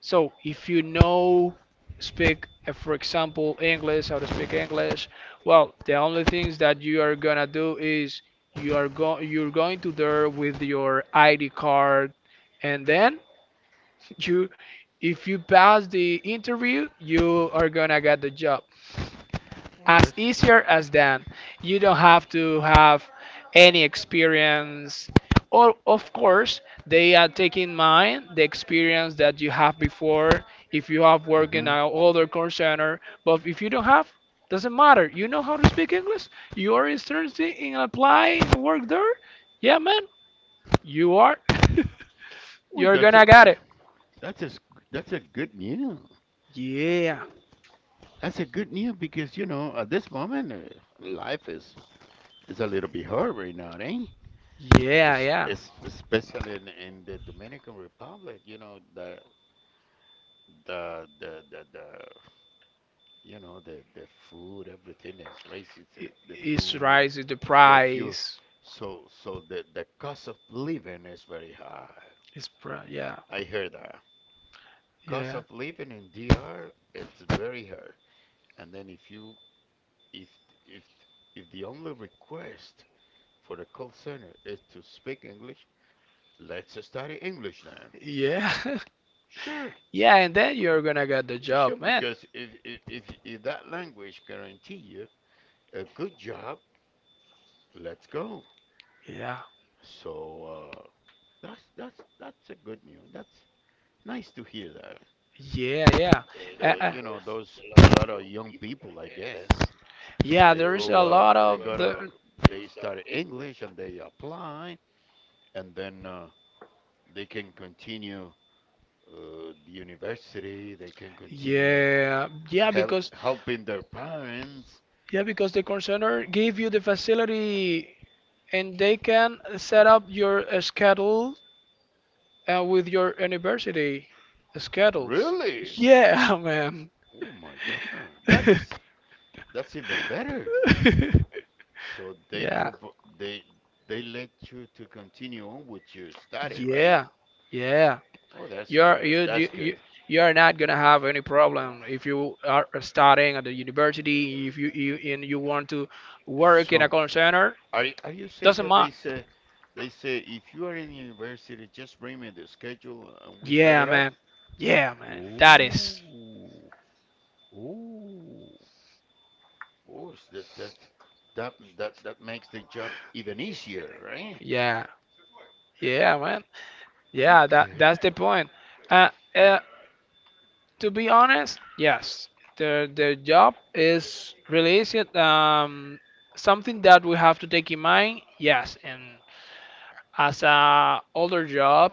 Speaker 2: so if you know speak, for example, English, how to speak English, well, the only things that you are gonna do is you are go you're going to there with your ID card, and then you if you pass the interview you are gonna get the job
Speaker 1: Oh,
Speaker 2: as
Speaker 1: that's.
Speaker 2: easier as that. You don't have to have any experience, or of course they are taking mind the experience that you have before if you have worked in an older call center, but if you don't have, doesn't matter. You know how to speak english, you are interested in applying to work there. Yeah, man, you are [LAUGHS]
Speaker 1: Well,
Speaker 2: you're gonna get it.
Speaker 1: that's a s- that's a good news.
Speaker 2: Yeah,
Speaker 1: That's a good news because you know at this moment life is a little bit hard right now, eh?
Speaker 2: yeah, yeah.
Speaker 1: Especially in the Dominican Republic, you know the the you know the food, everything is racist.
Speaker 2: It,
Speaker 1: The
Speaker 2: it's
Speaker 1: food,
Speaker 2: rising the
Speaker 1: the fuel.
Speaker 2: price.
Speaker 1: The cost of living is very high.
Speaker 2: Yeah,
Speaker 1: I heard that. Cost
Speaker 2: yeah,
Speaker 1: of living in DR, it's very hard. And then if you if if if the only request for the call center is to speak English, let's study English then.
Speaker 2: yeah, [LAUGHS]
Speaker 1: Sure,
Speaker 2: yeah. And then you're gonna get the
Speaker 1: sure,
Speaker 2: job, man.
Speaker 1: because if that language guarantee you a good job, let's go.
Speaker 2: Yeah,
Speaker 1: So uh, that's a good news. That's nice to hear that.
Speaker 2: yeah, yeah.
Speaker 1: The
Speaker 2: Uh,
Speaker 1: you
Speaker 2: uh,
Speaker 1: know those a lot of young people, I guess, they
Speaker 2: yeah, there's
Speaker 1: go,
Speaker 2: a lot
Speaker 1: they
Speaker 2: of
Speaker 1: gotta,
Speaker 2: the
Speaker 1: they study English and they apply, and then they can continue the university. They can continue
Speaker 2: yeah,
Speaker 1: helping their parents.
Speaker 2: yeah because the concerner gave you the facility and they can set up your schedule with your university schedule.
Speaker 1: Really?
Speaker 2: Yeah, oh, man.
Speaker 1: Oh my God, that's
Speaker 2: [LAUGHS]
Speaker 1: that's even better. So
Speaker 2: Yeah,
Speaker 1: they let you to continue on with your study,
Speaker 2: yeah,
Speaker 1: right?
Speaker 2: yeah.
Speaker 1: Oh,
Speaker 2: Oh,
Speaker 1: that's
Speaker 2: You're
Speaker 1: good.
Speaker 2: you
Speaker 1: That's
Speaker 2: you
Speaker 1: good.
Speaker 2: you you are not gonna have any problem if you are studying at the university. If you and you want to work in a
Speaker 1: So,
Speaker 2: call center,
Speaker 1: are you saying
Speaker 2: doesn't
Speaker 1: that
Speaker 2: matter.
Speaker 1: they say if you are in university, just bring me the schedule and we set
Speaker 2: Yeah,
Speaker 1: it up?
Speaker 2: man. Yeah, man. That is.
Speaker 1: Ooh, ooh, ooh, that makes the job even easier, right?
Speaker 2: Yeah, yeah, man. Yeah, that
Speaker 1: Okay.
Speaker 2: that's the point. Uh, uh, To be honest, yes, their job is really easy. Something that we have to take in mind, yes, and as a older job,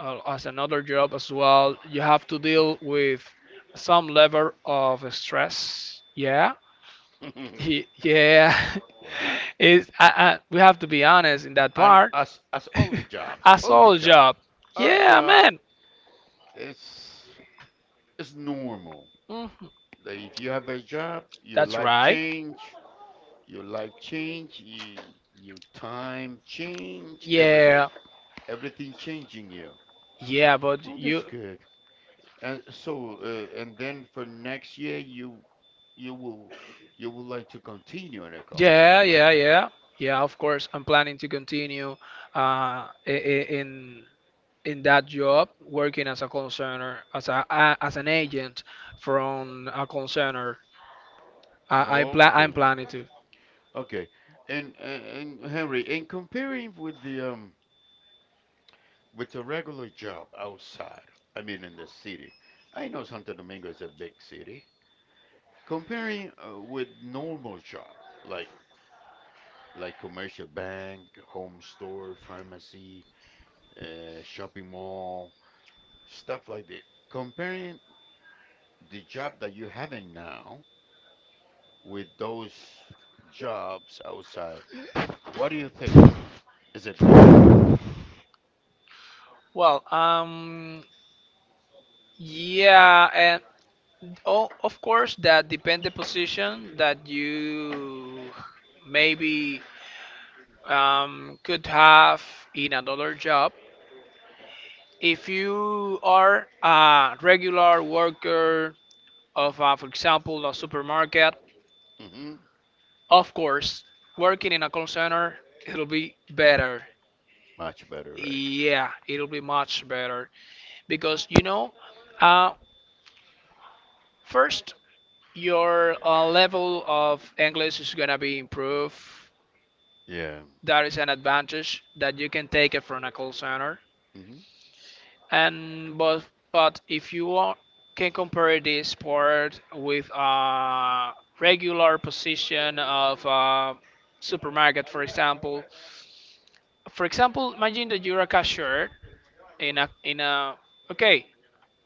Speaker 2: as another job as well, you have to deal with some level of stress. Yeah,
Speaker 1: [LAUGHS]
Speaker 2: yeah. [LAUGHS]
Speaker 1: Well,
Speaker 2: We have to be honest in that
Speaker 1: and
Speaker 2: part.
Speaker 1: as all the
Speaker 2: [LAUGHS]
Speaker 1: jobs,
Speaker 2: A
Speaker 1: all the
Speaker 2: soul
Speaker 1: jobs,
Speaker 2: job,
Speaker 1: all
Speaker 2: yeah,
Speaker 1: job
Speaker 2: man.
Speaker 1: is is normal.
Speaker 2: Mhm.
Speaker 1: That if you have a job, your
Speaker 2: That's
Speaker 1: life
Speaker 2: right.
Speaker 1: change, your life change, your time change, everything,
Speaker 2: Yeah,
Speaker 1: everything changing you.
Speaker 2: yeah, but
Speaker 1: Oh,
Speaker 2: you.
Speaker 1: that's good. And so, and then for next year, you will you would like to continue in the call
Speaker 2: Yeah,
Speaker 1: center, right?
Speaker 2: yeah, yeah, yeah. Of course, I'm planning to continue in in that job, working as a concerner, as a as an agent from a concerner. I'm
Speaker 1: Okay,
Speaker 2: planning to.
Speaker 1: okay. And and Henry, in comparing with the regular job outside, I mean in the city, I know Santo Domingo is a big city. Comparing with normal job, like like commercial bank, home store, pharmacy, shopping mall, stuff like that. Comparing the job that you having now with those jobs outside, what do you think? Is it better?
Speaker 2: Well, yeah, and oh, of course that depend the position that you maybe could have in another job. If you are a regular worker of, for example, a supermarket.
Speaker 1: Hmm.
Speaker 2: Of course, working in a call center, it'll be better.
Speaker 1: Much better, right?
Speaker 2: Yeah, it'll be much better because you know, uh, first your level of English is gonna be improved.
Speaker 1: Yeah.
Speaker 2: That is an advantage that you can take it from a call center.
Speaker 1: Hmm.
Speaker 2: And but if you want, can compare this part with a regular position of a supermarket, for example, imagine that you're a cashier in a okay,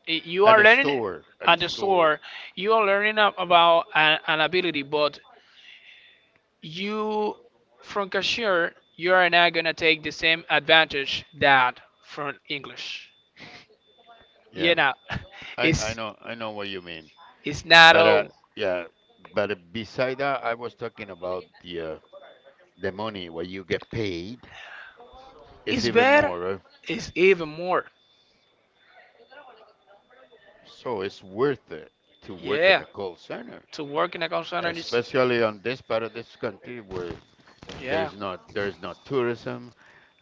Speaker 2: you
Speaker 1: And
Speaker 2: are
Speaker 1: a
Speaker 2: learning
Speaker 1: store, and a
Speaker 2: at the
Speaker 1: store.
Speaker 2: store, you are learning about an ability, but you from cashier you are not gonna take the same advantage that from English. You
Speaker 1: Yeah,
Speaker 2: know, [LAUGHS]
Speaker 1: I
Speaker 2: it's
Speaker 1: know what you mean,
Speaker 2: it's not
Speaker 1: but
Speaker 2: all.
Speaker 1: yeah, but beside that, I was talking about the money what you get paid. It's
Speaker 2: It's
Speaker 1: even
Speaker 2: better.
Speaker 1: more.
Speaker 2: It's even more.
Speaker 1: So it's worth it to work in
Speaker 2: Yeah,
Speaker 1: a call center,
Speaker 2: to work in a call center is
Speaker 1: especially on this part of this country where
Speaker 2: yeah.
Speaker 1: there's not tourism,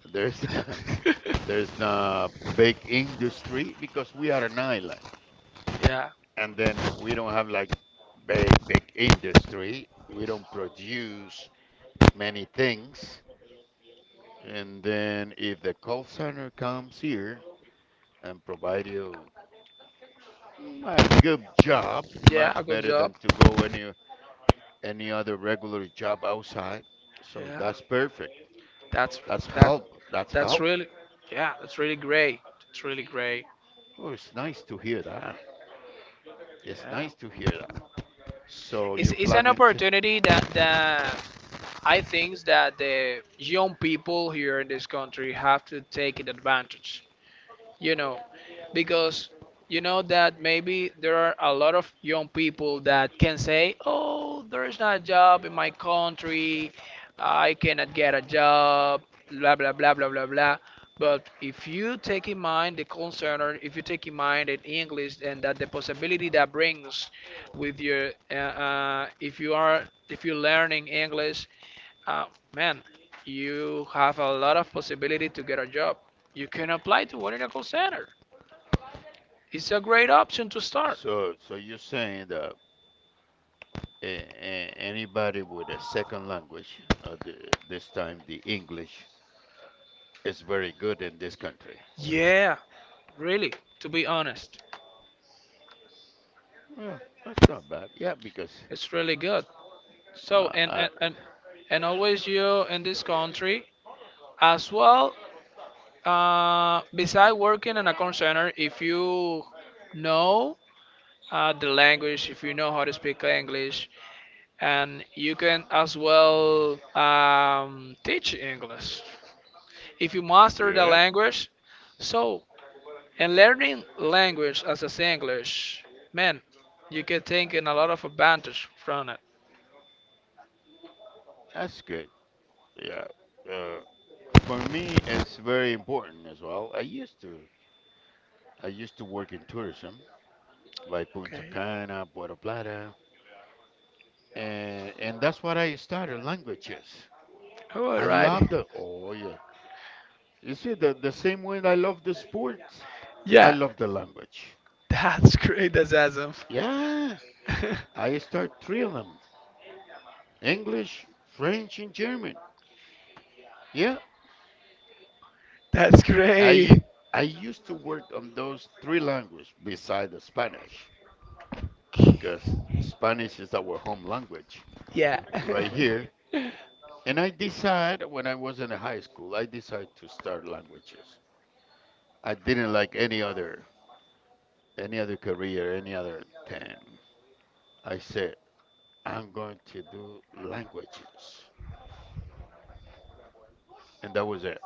Speaker 1: there's [LAUGHS]
Speaker 2: [LAUGHS]
Speaker 1: there's not big industry because we are an island,
Speaker 2: Yeah,
Speaker 1: and then we don't have like big industry. We don't produce many things, and then if the call center comes here and provide you a good job,
Speaker 2: yeah, a
Speaker 1: much
Speaker 2: good
Speaker 1: better
Speaker 2: job.
Speaker 1: than to go any other regular job outside. So
Speaker 2: Yeah.
Speaker 1: that's perfect.
Speaker 2: That's
Speaker 1: That's
Speaker 2: that
Speaker 1: help. That's
Speaker 2: that's
Speaker 1: help.
Speaker 2: really yeah, that's really great. It's really great.
Speaker 1: Oh, it's nice to hear that. It's
Speaker 2: Yeah.
Speaker 1: nice to hear that. So you're
Speaker 2: It's an
Speaker 1: planning to.
Speaker 2: opportunity that I think that the young people here in this country have to take an advantage. You know, because you know that maybe there are a lot of young people that can say, "Oh, there is not a job in my country. I cannot get a job." Blah blah blah blah blah blah. But if you take in mind the concern, or if you take in mind in English, and that the possibility that brings with your, if you are, if you're learning English, uh, man, you have a lot of possibility to get a job. You can apply to work in a call center. It's a great option to start.
Speaker 1: So you're saying that anybody with a second language, this time the English, is very good in this country.
Speaker 2: Yeah, really, to be honest,
Speaker 1: Well, that's not bad. Yeah, because
Speaker 2: it's really good. So
Speaker 1: uh,
Speaker 2: and
Speaker 1: uh,
Speaker 2: and and, and always you in this country as well. Beside working in a call center, if you know the language, if you know how to speak English, and you can as well teach English. If you master the
Speaker 1: yeah,
Speaker 2: language. So, and learning language as is English, man, you can take in a lot of advantage from it.
Speaker 1: that's good. Yeah. Uh, for me, it's very important as well. I used to work in tourism, like Punta
Speaker 2: Okay.
Speaker 1: Cana, Puerto Plata, and that's what I started languages. I
Speaker 2: Alrighty.
Speaker 1: love the. Oh yeah. You see, the same way I love the sports, I
Speaker 2: Yeah.
Speaker 1: love the language.
Speaker 2: [LAUGHS] That's great. That's awesome.
Speaker 1: Yeah.
Speaker 2: [LAUGHS]
Speaker 1: I start three of them: English, French, and German. Yeah.
Speaker 2: That's
Speaker 1: I
Speaker 2: great.
Speaker 1: u- I used to work on those three languages beside the Spanish, because Spanish is our home language
Speaker 2: Yeah. [LAUGHS]
Speaker 1: right here.
Speaker 2: That's
Speaker 1: And I decided when I was in high school, I decided to start languages. I didn't like any other career, any other thing. I said I'm going to do languages, and that was it.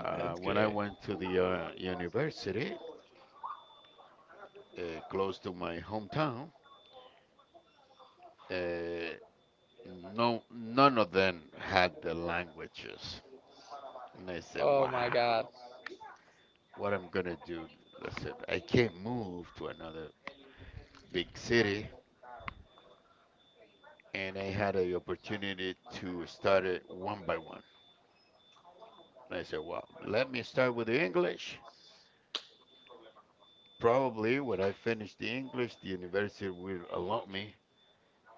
Speaker 1: When I
Speaker 2: great.
Speaker 1: went to the university uh, close to my hometown, uh, no none of them had the languages, and I said,
Speaker 2: Oh my
Speaker 1: "Wow,
Speaker 2: God.
Speaker 1: what I'm gonna do. Listen, I can't move to another big city," and I had the opportunity to start it one by one. And I said, well, let me start with the English. Probably when I finish the English, the university will allow me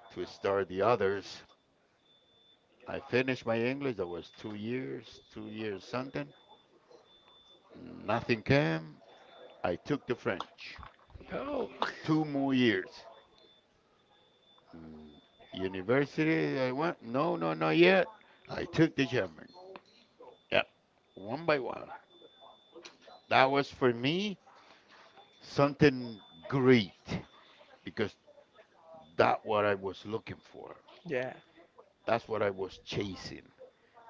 Speaker 1: to start the others. I finished my English. That was 2 years, 2 years something. Nothing came. I took the French.
Speaker 2: Oh.
Speaker 1: Two more years. Mm, University, I went. No, no, not yet. I took the German. Yeah, one by one. That was for me something great because that what I was looking for.
Speaker 2: Yeah.
Speaker 1: That's what I was chasing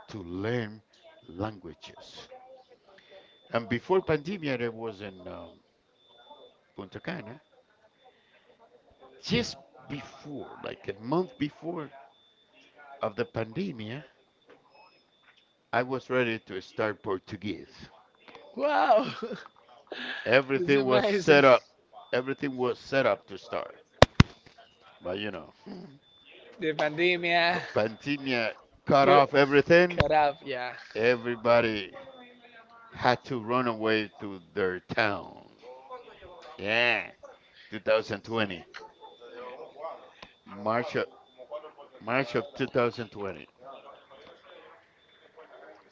Speaker 1: to learn languages. And before pandemia, I was in Punta Cana. Just before, like a month before of the pandemia, I was ready to start Portuguese.
Speaker 2: Wow. [LAUGHS]
Speaker 1: Everything was set
Speaker 2: Amazing.
Speaker 1: up. Everything was set up to start. But you know, [LAUGHS]
Speaker 2: The pandemia.
Speaker 1: pandemia cut
Speaker 2: Put
Speaker 1: off everything.
Speaker 2: cut off. Yeah.
Speaker 1: Everybody had to run away to their town. Yeah, 2020. March of, March of 2020.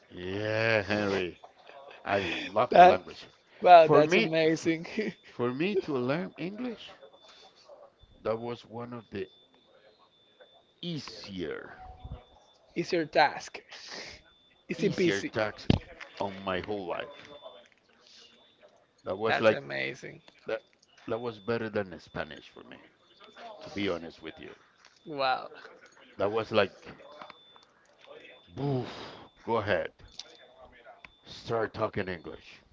Speaker 1: Yeah, Henry. I love
Speaker 2: That
Speaker 1: language.
Speaker 2: wow,
Speaker 1: For
Speaker 2: that's
Speaker 1: me, f-
Speaker 2: amazing. [LAUGHS]
Speaker 1: for me to learn English, that was one of the easier,
Speaker 2: It's your task. [LAUGHS] Easy
Speaker 1: easier
Speaker 2: peasy.
Speaker 1: tasks on my whole life. That was like
Speaker 2: Amazing.
Speaker 1: that. That was better than Spanish for me. To be honest with you,
Speaker 2: Wow.
Speaker 1: that was like, boof. Go ahead, start talking English.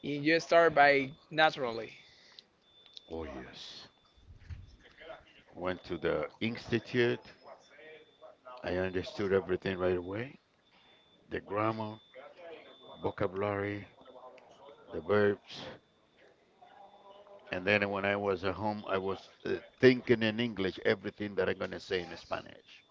Speaker 2: You just start by naturally.
Speaker 1: Oh, yes. Went to the institute. I understood everything right away. The grammar, vocabulary, the verbs. And then when I was at home, I was thinking in English everything that I'm going to say in Spanish.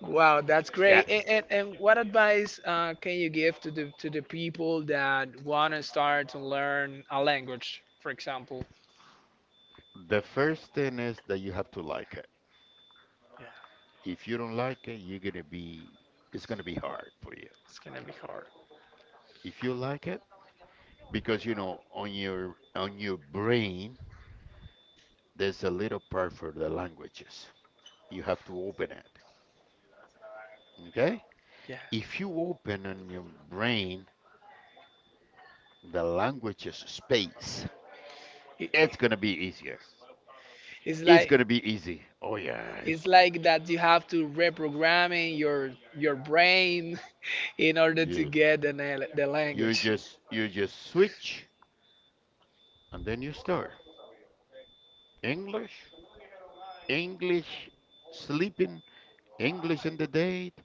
Speaker 2: Wow, that's
Speaker 1: Yeah.
Speaker 2: great. And what advice can you give to the people that want to start to learn a language, for example?
Speaker 1: The first thing is that you have to like it.
Speaker 2: Yeah,
Speaker 1: If you don't like it, you're going to be, it's going to be hard for you.
Speaker 2: it's gonna be hard.
Speaker 1: If you like it, because you know on your brain there's a little part for the languages, you have to open it, okay.
Speaker 2: Yeah,
Speaker 1: If you open on your brain the languages space,
Speaker 2: It-
Speaker 1: it's going to be easier,
Speaker 2: it's
Speaker 1: it's
Speaker 2: like
Speaker 1: going to be easy. Oh yes.
Speaker 2: it's like that you have to reprogramming your brain [LAUGHS] in order to
Speaker 1: Yes,
Speaker 2: get the the language
Speaker 1: you just switch and then you start English, English sleeping, English in the date,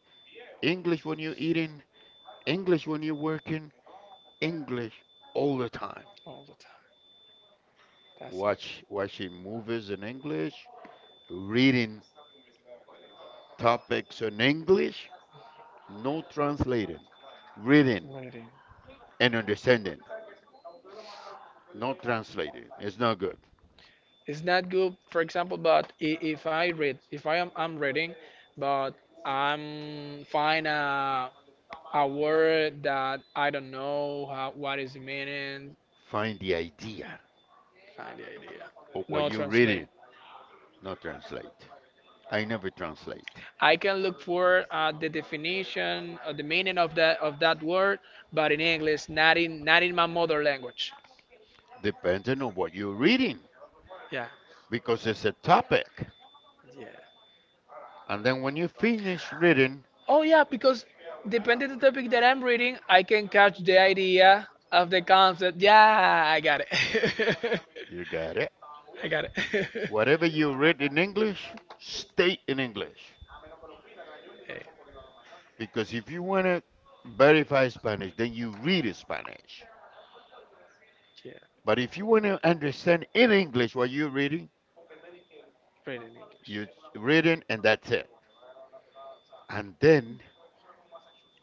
Speaker 1: English when you're eating, English when you're working, English all the time.
Speaker 2: all the time. That's
Speaker 1: Watching movies in English, reading topics in English, no translating, reading
Speaker 2: Reading.
Speaker 1: and understanding, not translating. It's not good.
Speaker 2: It's not good, for example, but if I read, if I am I'm reading, but I'm find a word that I don't know how, what is the meaning,
Speaker 1: Find the idea
Speaker 2: find the idea,
Speaker 1: of what
Speaker 2: no
Speaker 1: you're
Speaker 2: translate.
Speaker 1: reading, not translate. I never translate,
Speaker 2: I can look for the definition or the meaning of that word, but in English, not in not in my mother language.
Speaker 1: depending on what you're reading,
Speaker 2: Yeah.
Speaker 1: because it's a topic.
Speaker 2: Yeah.
Speaker 1: And then when you finish reading,
Speaker 2: Oh yeah, because depending on the topic that I'm reading, I can catch the idea of the concept. Yeah, I got it.
Speaker 1: you got it.
Speaker 2: [LAUGHS] I got it. [LAUGHS]
Speaker 1: Whatever you read in English, state in English.
Speaker 2: Hey,
Speaker 1: Because if you want to verify Spanish, then you read Spanish.
Speaker 2: yeah,
Speaker 1: But if you want to understand in English what you're reading,
Speaker 2: read in
Speaker 1: you
Speaker 2: English.
Speaker 1: read it and that's it. And then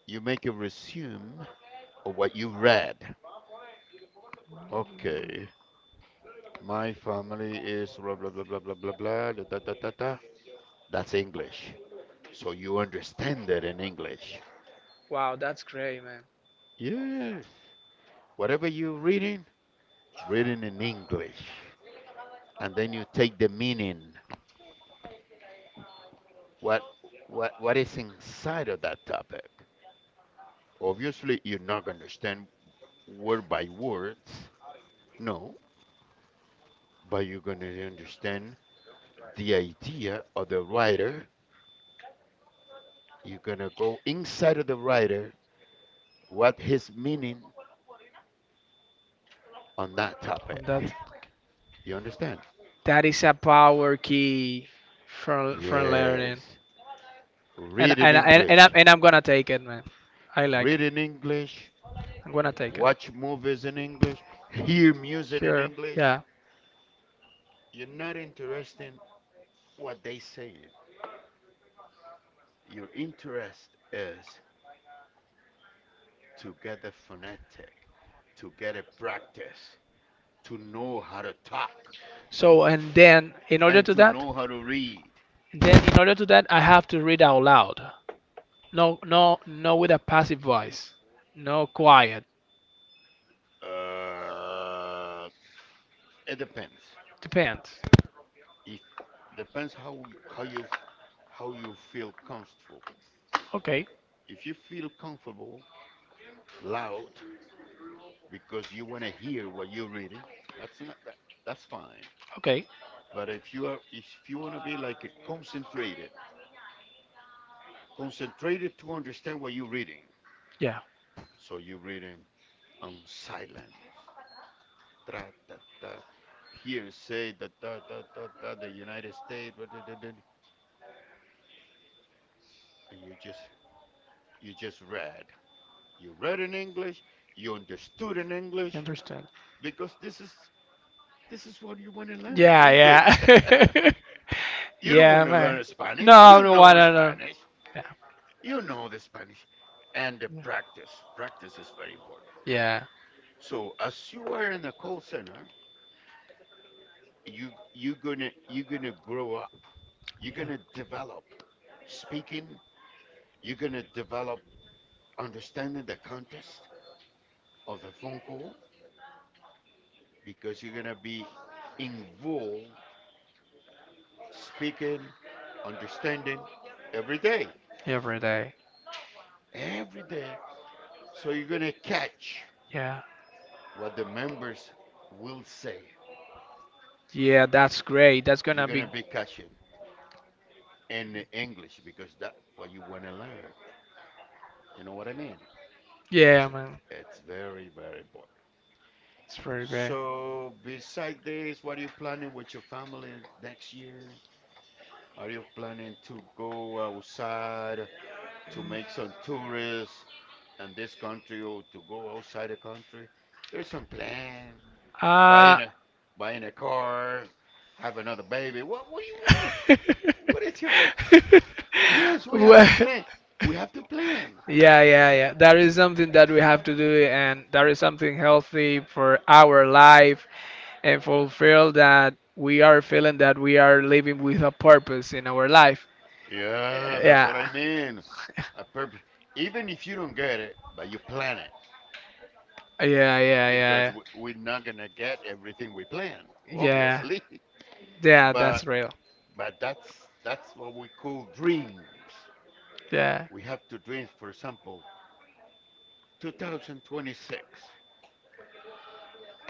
Speaker 1: you make a resume of what you read. Okay, my family is blah blah blah blah blah blah blah da da da da da. That's English. So you understand that in English.
Speaker 2: Wow, that's great, man.
Speaker 1: Yes. Whatever you're reading, reading in English. And then you take the meaning. what what is inside of that topic. Obviously, you're not gonna understand word by words, no, but you're gonna understand the idea of the writer. You're gonna go inside of the writer, what his meaning on that topic.
Speaker 2: That
Speaker 1: You understand?
Speaker 2: that is a power key from learning,
Speaker 1: Yes. Read in English.
Speaker 2: and I'm gonna take it, man. I like
Speaker 1: Read
Speaker 2: it.
Speaker 1: in English.
Speaker 2: I'm gonna take it.
Speaker 1: Watch movies in English. Hear music in
Speaker 2: Sure.
Speaker 1: English.
Speaker 2: Yeah.
Speaker 1: You're not interested in what they say. Your interest is to get the phonetic, to get a practice, to know how to talk,
Speaker 2: So and then in order
Speaker 1: and
Speaker 2: to
Speaker 1: to
Speaker 2: that.
Speaker 1: know how to read.
Speaker 2: Then, in order to that, I have to read out loud. No, no, no, with a passive voice. No, quiet.
Speaker 1: Uh, it depends.
Speaker 2: Depends.
Speaker 1: If Depends how how you feel comfortable.
Speaker 2: Okay,
Speaker 1: If you feel comfortable loud because you want to hear what you're reading, that's not that, that's fine.
Speaker 2: okay,
Speaker 1: But if you are, if you want to be like a concentrated to understand what you're reading,
Speaker 2: yeah.
Speaker 1: so you reading on silence. Da, da, da. Here say the da, da, da, da, the United States, da, da, da, da, and you just read. You read in English. You
Speaker 2: You
Speaker 1: understood in English
Speaker 2: understand?
Speaker 1: because this is what you want to learn
Speaker 2: Yeah,
Speaker 1: English. [LAUGHS]
Speaker 2: yeah. [LAUGHS]
Speaker 1: You don't
Speaker 2: yeah,
Speaker 1: want to
Speaker 2: man.
Speaker 1: learn Spanish. You
Speaker 2: No, no, why
Speaker 1: know
Speaker 2: not? No.
Speaker 1: Spanish.
Speaker 2: Yeah,
Speaker 1: You know the Spanish, and the practice. Practice is very important.
Speaker 2: yeah,
Speaker 1: So as you are in a call center, you're gonna grow up, you're gonna develop speaking, you're gonna develop understanding the context of the phone call, because you're gonna be involved speaking, understanding every day,
Speaker 2: every day.
Speaker 1: every day, so you're gonna catch
Speaker 2: Yeah,
Speaker 1: what the members will say.
Speaker 2: yeah, that's great. That's
Speaker 1: You're
Speaker 2: gonna be.
Speaker 1: gonna be catching in the English because that what you want to learn, you know what I mean. it's
Speaker 2: Yeah,
Speaker 1: a,
Speaker 2: man.
Speaker 1: it's very important.
Speaker 2: It's very great.
Speaker 1: So, beside this, what are you planning with your family next year? Are you planning to go outside to make some tourists in this country or to go outside the country? There's some plan.
Speaker 2: Uh,
Speaker 1: Buying a buying a car, have another baby. What do you
Speaker 2: [LAUGHS]
Speaker 1: what is your. Yes, we have
Speaker 2: Well,
Speaker 1: to plan. We have to plan.
Speaker 2: yeah, yeah, yeah. That is something that we have to do, and that is something healthy for our life and fulfill that we are feeling that we are living with a purpose in our life.
Speaker 1: Yeah, that's what I
Speaker 2: Yeah,
Speaker 1: mean. A purpose. Even if you don't get it, but you plan,
Speaker 2: yeah,
Speaker 1: because
Speaker 2: yeah,
Speaker 1: we're
Speaker 2: yeah,
Speaker 1: not gonna get everything we plan,
Speaker 2: yeah,
Speaker 1: obviously. [LAUGHS]
Speaker 2: yeah.
Speaker 1: But
Speaker 2: Real.
Speaker 1: but that's what we call dreams.
Speaker 2: Yeah,
Speaker 1: We have to dream. For example, 2026.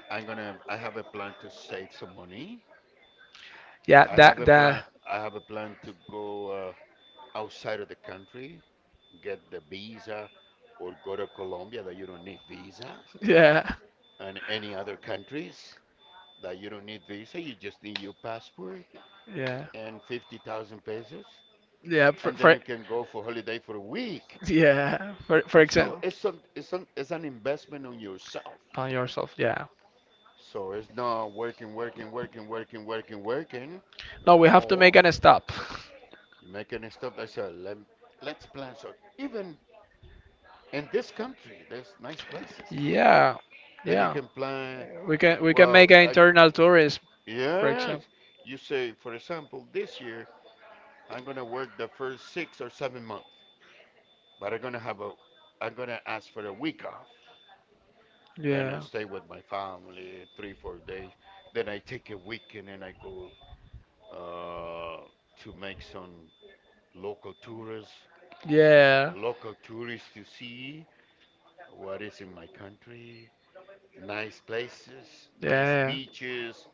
Speaker 1: I'm gonna. I have a plan to save some money.
Speaker 2: yeah.
Speaker 1: I have a
Speaker 2: That
Speaker 1: plan.
Speaker 2: that.
Speaker 1: I have a plan to go outside of the country, get the visa, or go to Colombia that you don't need visa,
Speaker 2: Yeah,
Speaker 1: and any other countries that you don't need visa. You just need your passport
Speaker 2: yeah,
Speaker 1: and 50,000 pesos
Speaker 2: yeah.
Speaker 1: and then
Speaker 2: For
Speaker 1: you can go for holiday for a week.
Speaker 2: Yeah, for
Speaker 1: So
Speaker 2: example,
Speaker 1: it's an it's an investment on yourself.
Speaker 2: on yourself. Yeah.
Speaker 1: So it's not working, working, working, working, working, working.
Speaker 2: No, we have to
Speaker 1: No,
Speaker 2: make an stop.
Speaker 1: you make any stuff that says let let's plan, so even in this country there's nice places.
Speaker 2: Yeah,
Speaker 1: Then you
Speaker 2: yeah.
Speaker 1: can plan.
Speaker 2: We can make
Speaker 1: Well,
Speaker 2: an
Speaker 1: I,
Speaker 2: internal tourism, for
Speaker 1: yes,
Speaker 2: example.
Speaker 1: you say for example this year I'm gonna work the first 6 or 7 months, but I'm gonna have a I'm gonna ask for a week off. Then I
Speaker 2: Yeah.
Speaker 1: stay with my family three, 4 days. Then I take a weekend and I go uh, to make some local tourists,
Speaker 2: Yeah.
Speaker 1: local tourists to see what is in my country, nice places, nice
Speaker 2: Yeah.
Speaker 1: beaches,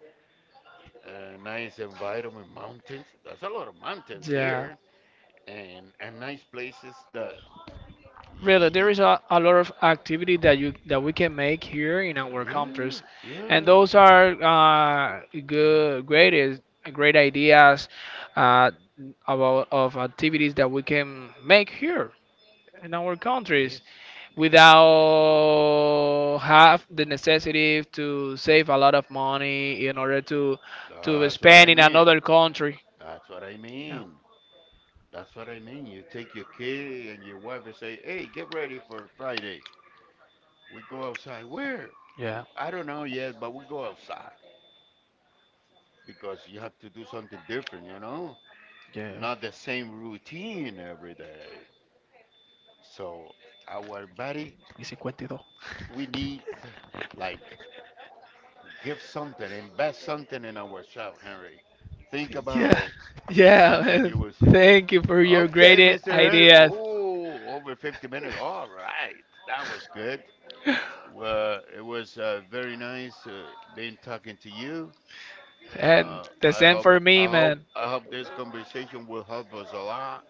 Speaker 1: nice environment, mountains. There's a lot of mountains
Speaker 2: Yeah.
Speaker 1: here, and nice places that y-
Speaker 2: Really, there
Speaker 1: y-
Speaker 2: is
Speaker 1: y-
Speaker 2: a lot of activity that you that we can make here in our country.
Speaker 1: yeah,
Speaker 2: And
Speaker 1: yeah,
Speaker 2: those are good, great, great ideas uh, about of activities that we can make here in our
Speaker 1: yes,
Speaker 2: countries
Speaker 1: because
Speaker 2: without have the necessity to save a lot of money in order to
Speaker 1: that's what I
Speaker 2: spend in
Speaker 1: mean.
Speaker 2: another country.
Speaker 1: That's what I
Speaker 2: Yeah,
Speaker 1: mean. That's what I mean. You take your kid and your wife and say, "Hey, get ready for Friday. We go outside. Where?
Speaker 2: yeah,
Speaker 1: Oh, I don't know yet, but we go outside because you have to do something different, you know?
Speaker 2: yeah.
Speaker 1: Not the same routine every day. So our body,
Speaker 2: Y 52.
Speaker 1: we need like give something, invest something in ourselves, Henry. Think about
Speaker 2: Yeah,
Speaker 1: it,
Speaker 2: [LAUGHS] yeah.
Speaker 1: and then you
Speaker 2: Man.
Speaker 1: will see.
Speaker 2: Thank you for your
Speaker 1: Okay,
Speaker 2: great
Speaker 1: Mr. Henry.
Speaker 2: ideas.
Speaker 1: Oh, over 50 minutes. All right, that was good. Well, it was very nice being talking to you. Uh,
Speaker 2: And the
Speaker 1: I
Speaker 2: same
Speaker 1: hope,
Speaker 2: for me, man.
Speaker 1: I hope this conversation will help us a lot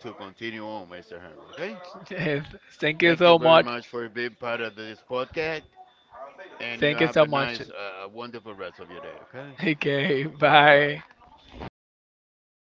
Speaker 1: to continue on, Mr. Henry. Okay.
Speaker 2: [LAUGHS] Thank you
Speaker 1: Thank you
Speaker 2: so
Speaker 1: very
Speaker 2: much.
Speaker 1: much for being part of this podcast, and you
Speaker 2: Thank you
Speaker 1: have
Speaker 2: so
Speaker 1: a
Speaker 2: much.
Speaker 1: nice,
Speaker 2: [LAUGHS]
Speaker 1: wonderful rest of your day. Okay.
Speaker 2: Okay,
Speaker 1: Bye.
Speaker 2: bye.